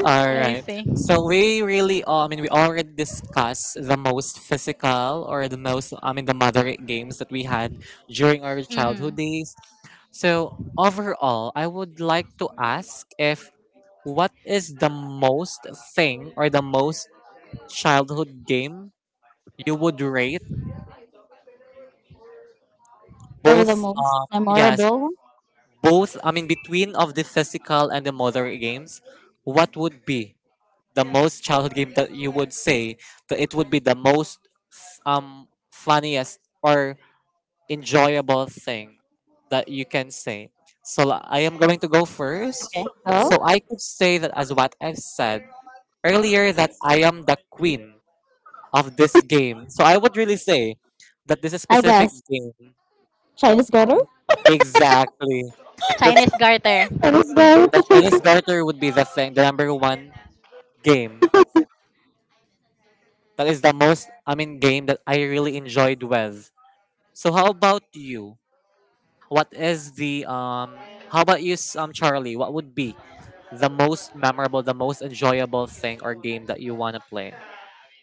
Speaker 3: All
Speaker 1: I
Speaker 3: right.
Speaker 1: see.
Speaker 3: So we really, I mean, we already discussed the most physical, or the most, I mean, the moderate games that we had during our
Speaker 1: Hmm.
Speaker 3: childhood days. So overall, I would like to ask, if what is the most thing, or the most childhood game you would rate
Speaker 2: Or the
Speaker 3: both?
Speaker 2: most
Speaker 3: Yes,
Speaker 2: memorable one.
Speaker 3: both. I mean, between of the physical and the motor games, what would be the most childhood game that you would say that it would be the most, f- um funniest or enjoyable thing that you can say? So, I am going to go
Speaker 2: Okay,
Speaker 3: first.
Speaker 2: so
Speaker 3: So I could say that as what I've said earlier, that I am the queen of this game, so I would really say that this is
Speaker 2: I
Speaker 3: specific
Speaker 2: guess
Speaker 3: game.
Speaker 2: Chinese garter.
Speaker 3: Exactly. the, ch-
Speaker 1: Chinese garter.
Speaker 2: Chinese
Speaker 3: The
Speaker 2: garter. (laughs)
Speaker 3: Chinese
Speaker 2: How
Speaker 3: garter would be the thing, the number one game. That is the most, I mean, game that I really enjoyed with. So how about you? What is the? How about you, Charlie? What would be the most memorable, the most enjoyable thing or game that you wanna play?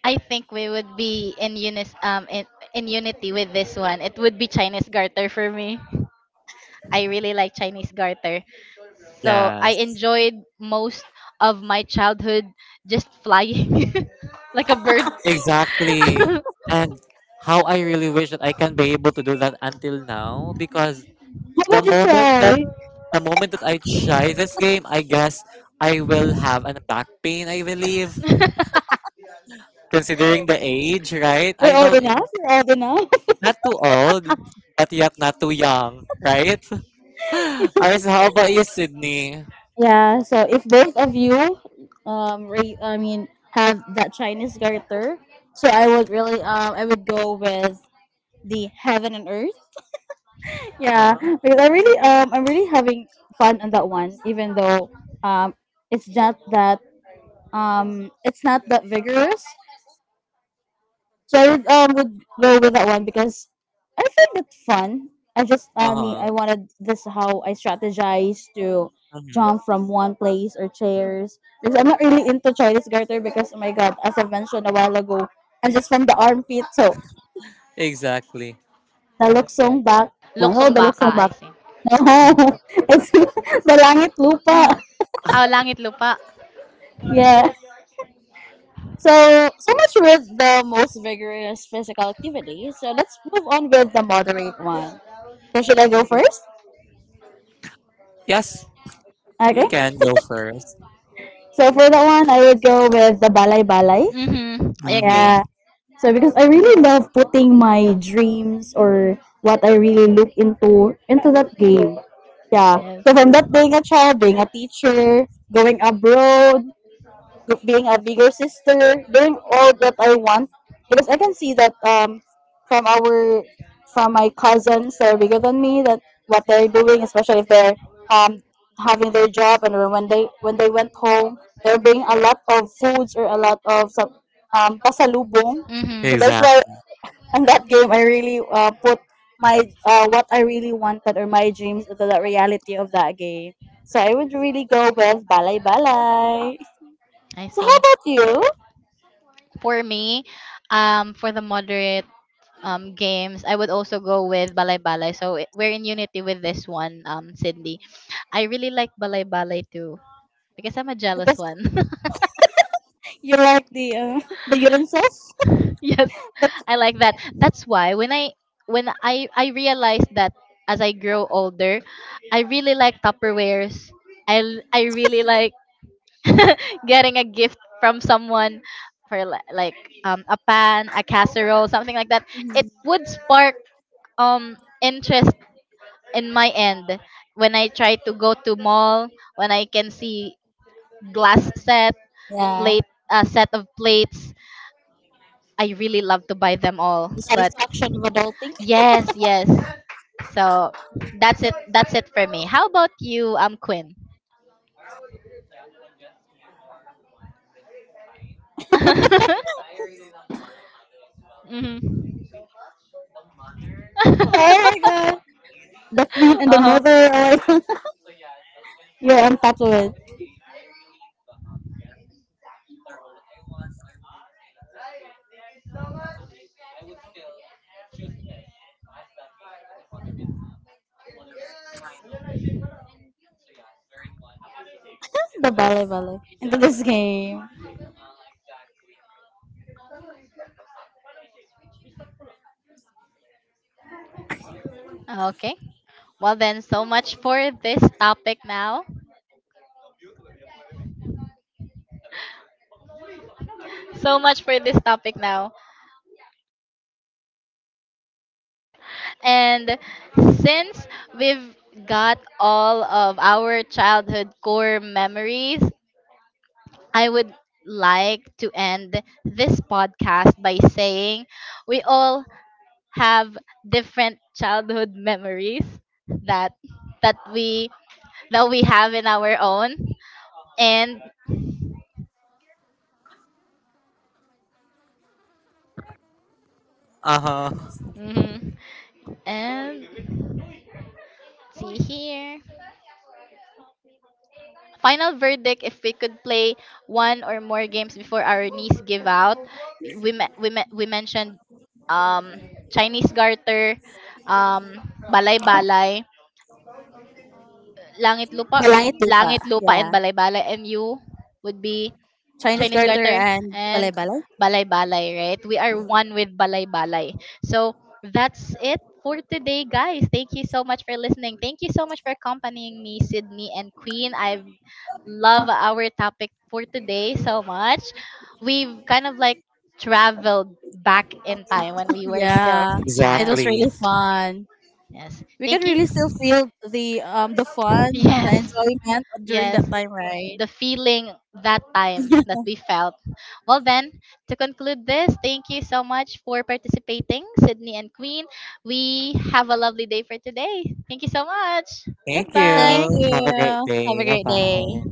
Speaker 1: I think we would be in in unity with this one. It would be Chinese garter for me. I really like Chinese garter. So I
Speaker 3: Yes,
Speaker 1: enjoyed most of my childhood just flying (laughs) like a bird.
Speaker 3: exactly.
Speaker 1: (laughs)
Speaker 3: And how I really wish that I can be able to do that until now, because the
Speaker 2: about you
Speaker 3: moment that
Speaker 2: try?
Speaker 3: the moment that I try this game, I guess I will have an back pain, I believe. Considering the age, right? I
Speaker 2: We're old
Speaker 3: know it,
Speaker 2: enough. We're old enough. (laughs)
Speaker 3: not too old, but yet not too young, right? (laughs) Alright, so how about you, Sydney?
Speaker 2: Yeah. So if both of you, I mean, have that Chinese garter, so I would really, I would go with the heaven and earth. Yeah,
Speaker 3: Uh-huh.
Speaker 2: because I really, I'm really having fun on that one, even though, um, it's not that it's not that vigorous, so I would go with that one because I found it fun. I mean
Speaker 3: Uh-huh.
Speaker 2: I wanted this how I strategize to
Speaker 3: Hmm.
Speaker 2: jump from one place or chairs. Because I'm not really into Chinese garter because oh my god, as I mentioned a while ago, I'm just from the armpit, so
Speaker 3: Exactly.
Speaker 2: the luksong back. No, no,
Speaker 1: Loksong
Speaker 2: the
Speaker 1: baka,
Speaker 2: luksong
Speaker 1: I
Speaker 2: back.
Speaker 1: think.
Speaker 2: No, (laughs) it's (laughs) the langit lupa.
Speaker 3: (gasps)
Speaker 1: Oh, Langit Lupa.
Speaker 2: Yeah. So, so much with the most vigorous physical activity. So let's move on with the moderate one. So should I go first?
Speaker 3: Yes,
Speaker 2: Okay.
Speaker 3: you can go
Speaker 2: (laughs)
Speaker 3: first.
Speaker 2: So for that one, I would go with the balay balay.
Speaker 1: Mhm. I
Speaker 3: Mm-hmm.
Speaker 1: agree.
Speaker 2: Yeah. So because I really love putting my dreams or what I really look into that game. Yeah.
Speaker 1: Yes.
Speaker 2: So from that being a child, being a teacher, going abroad, being a bigger sister, doing all that I want because I can see that from our from my cousins that are bigger than me that what they're doing, especially if they're um having their job and when they went home, they're bringing a lot of foods or a lot of some pasalubong. So
Speaker 1: Mhm.
Speaker 2: that's why
Speaker 3: Exactly.
Speaker 2: in that game I really put my what I really wanted or my dreams into the reality of that game. So I would really go with Balay Balay.
Speaker 1: I
Speaker 2: So how
Speaker 1: see.
Speaker 2: about you?
Speaker 1: For me, for the moderate games, I would also go with Balay Balay. So I- we're in unity with this one, Cindy. I really like Balay Balay too because I'm a jealous
Speaker 2: Because
Speaker 1: one. (laughs)
Speaker 2: you like the (laughs) the utensils,
Speaker 1: (laughs) yes,
Speaker 2: (laughs) the,
Speaker 1: I like that. That's why when I realized that as I grow older, I really like tupperwares. I really like (laughs) getting a gift from someone for li- like a pan, a casserole, something like that. It would spark interest in my end. When I try to go to mall, when I can see glass set,
Speaker 2: yeah.
Speaker 1: plate, a set of plates, I really love to buy them all.
Speaker 2: The
Speaker 1: But
Speaker 2: satisfaction of adulting. (laughs)
Speaker 1: yes, yes. So that's it. That's it for me. How about you, Quinn? (laughs) Mhm.
Speaker 2: Oh my
Speaker 1: (laughs)
Speaker 2: god! The queen and the
Speaker 1: Uh-huh.
Speaker 2: mother are like (laughs) you're on top of it. (laughs) The ballet ballet into this game.
Speaker 1: Okay. Well then, so much for this topic now. So much for this topic now. And since we've got all of our childhood core memories, I would like to end this podcast by saying we all have different childhood memories that that we that we have in our own, and
Speaker 3: Uh-huh.
Speaker 1: mhm, and see here final verdict if we could play one or more games before our knees give out. We mentioned um chinese garter, um balay balay, Langit Lupa,
Speaker 2: Balangit Lupa.
Speaker 1: Langit Lupa
Speaker 2: Yeah.
Speaker 1: and Balay-Balay, and you would be
Speaker 2: Chinese
Speaker 1: Chinese
Speaker 2: garter
Speaker 1: Garter
Speaker 2: and
Speaker 1: and
Speaker 2: balay balay.
Speaker 1: Balay-Balay, right? We are one with Balay-Balay. So that's it for today, guys. Thank you so much for listening. Thank you so much for accompanying me, Sydney and Queen. I love our topic for today so much. We've kind of like traveled back in time when
Speaker 2: (laughs)
Speaker 1: we were still
Speaker 2: Yeah. It
Speaker 1: child.
Speaker 2: was
Speaker 3: Exactly.
Speaker 2: really
Speaker 1: Yes.
Speaker 2: fun.
Speaker 1: Yes.
Speaker 2: We can
Speaker 1: Thank
Speaker 2: really
Speaker 1: you.
Speaker 2: still
Speaker 1: (laughs)
Speaker 2: feel the fun, the
Speaker 1: Yes.
Speaker 2: enjoyment during
Speaker 1: Yes.
Speaker 2: that time, right?
Speaker 1: The feeling that time that we felt. Well, then, to conclude this, thank you so much for participating, Sydney and Queen. We have a lovely day for today. Thank you so much.
Speaker 3: Thank you.
Speaker 2: Thank
Speaker 1: Goodbye.
Speaker 3: Have a
Speaker 2: you.
Speaker 3: great
Speaker 2: Have
Speaker 3: day.
Speaker 2: a great day.
Speaker 3: Bye-bye.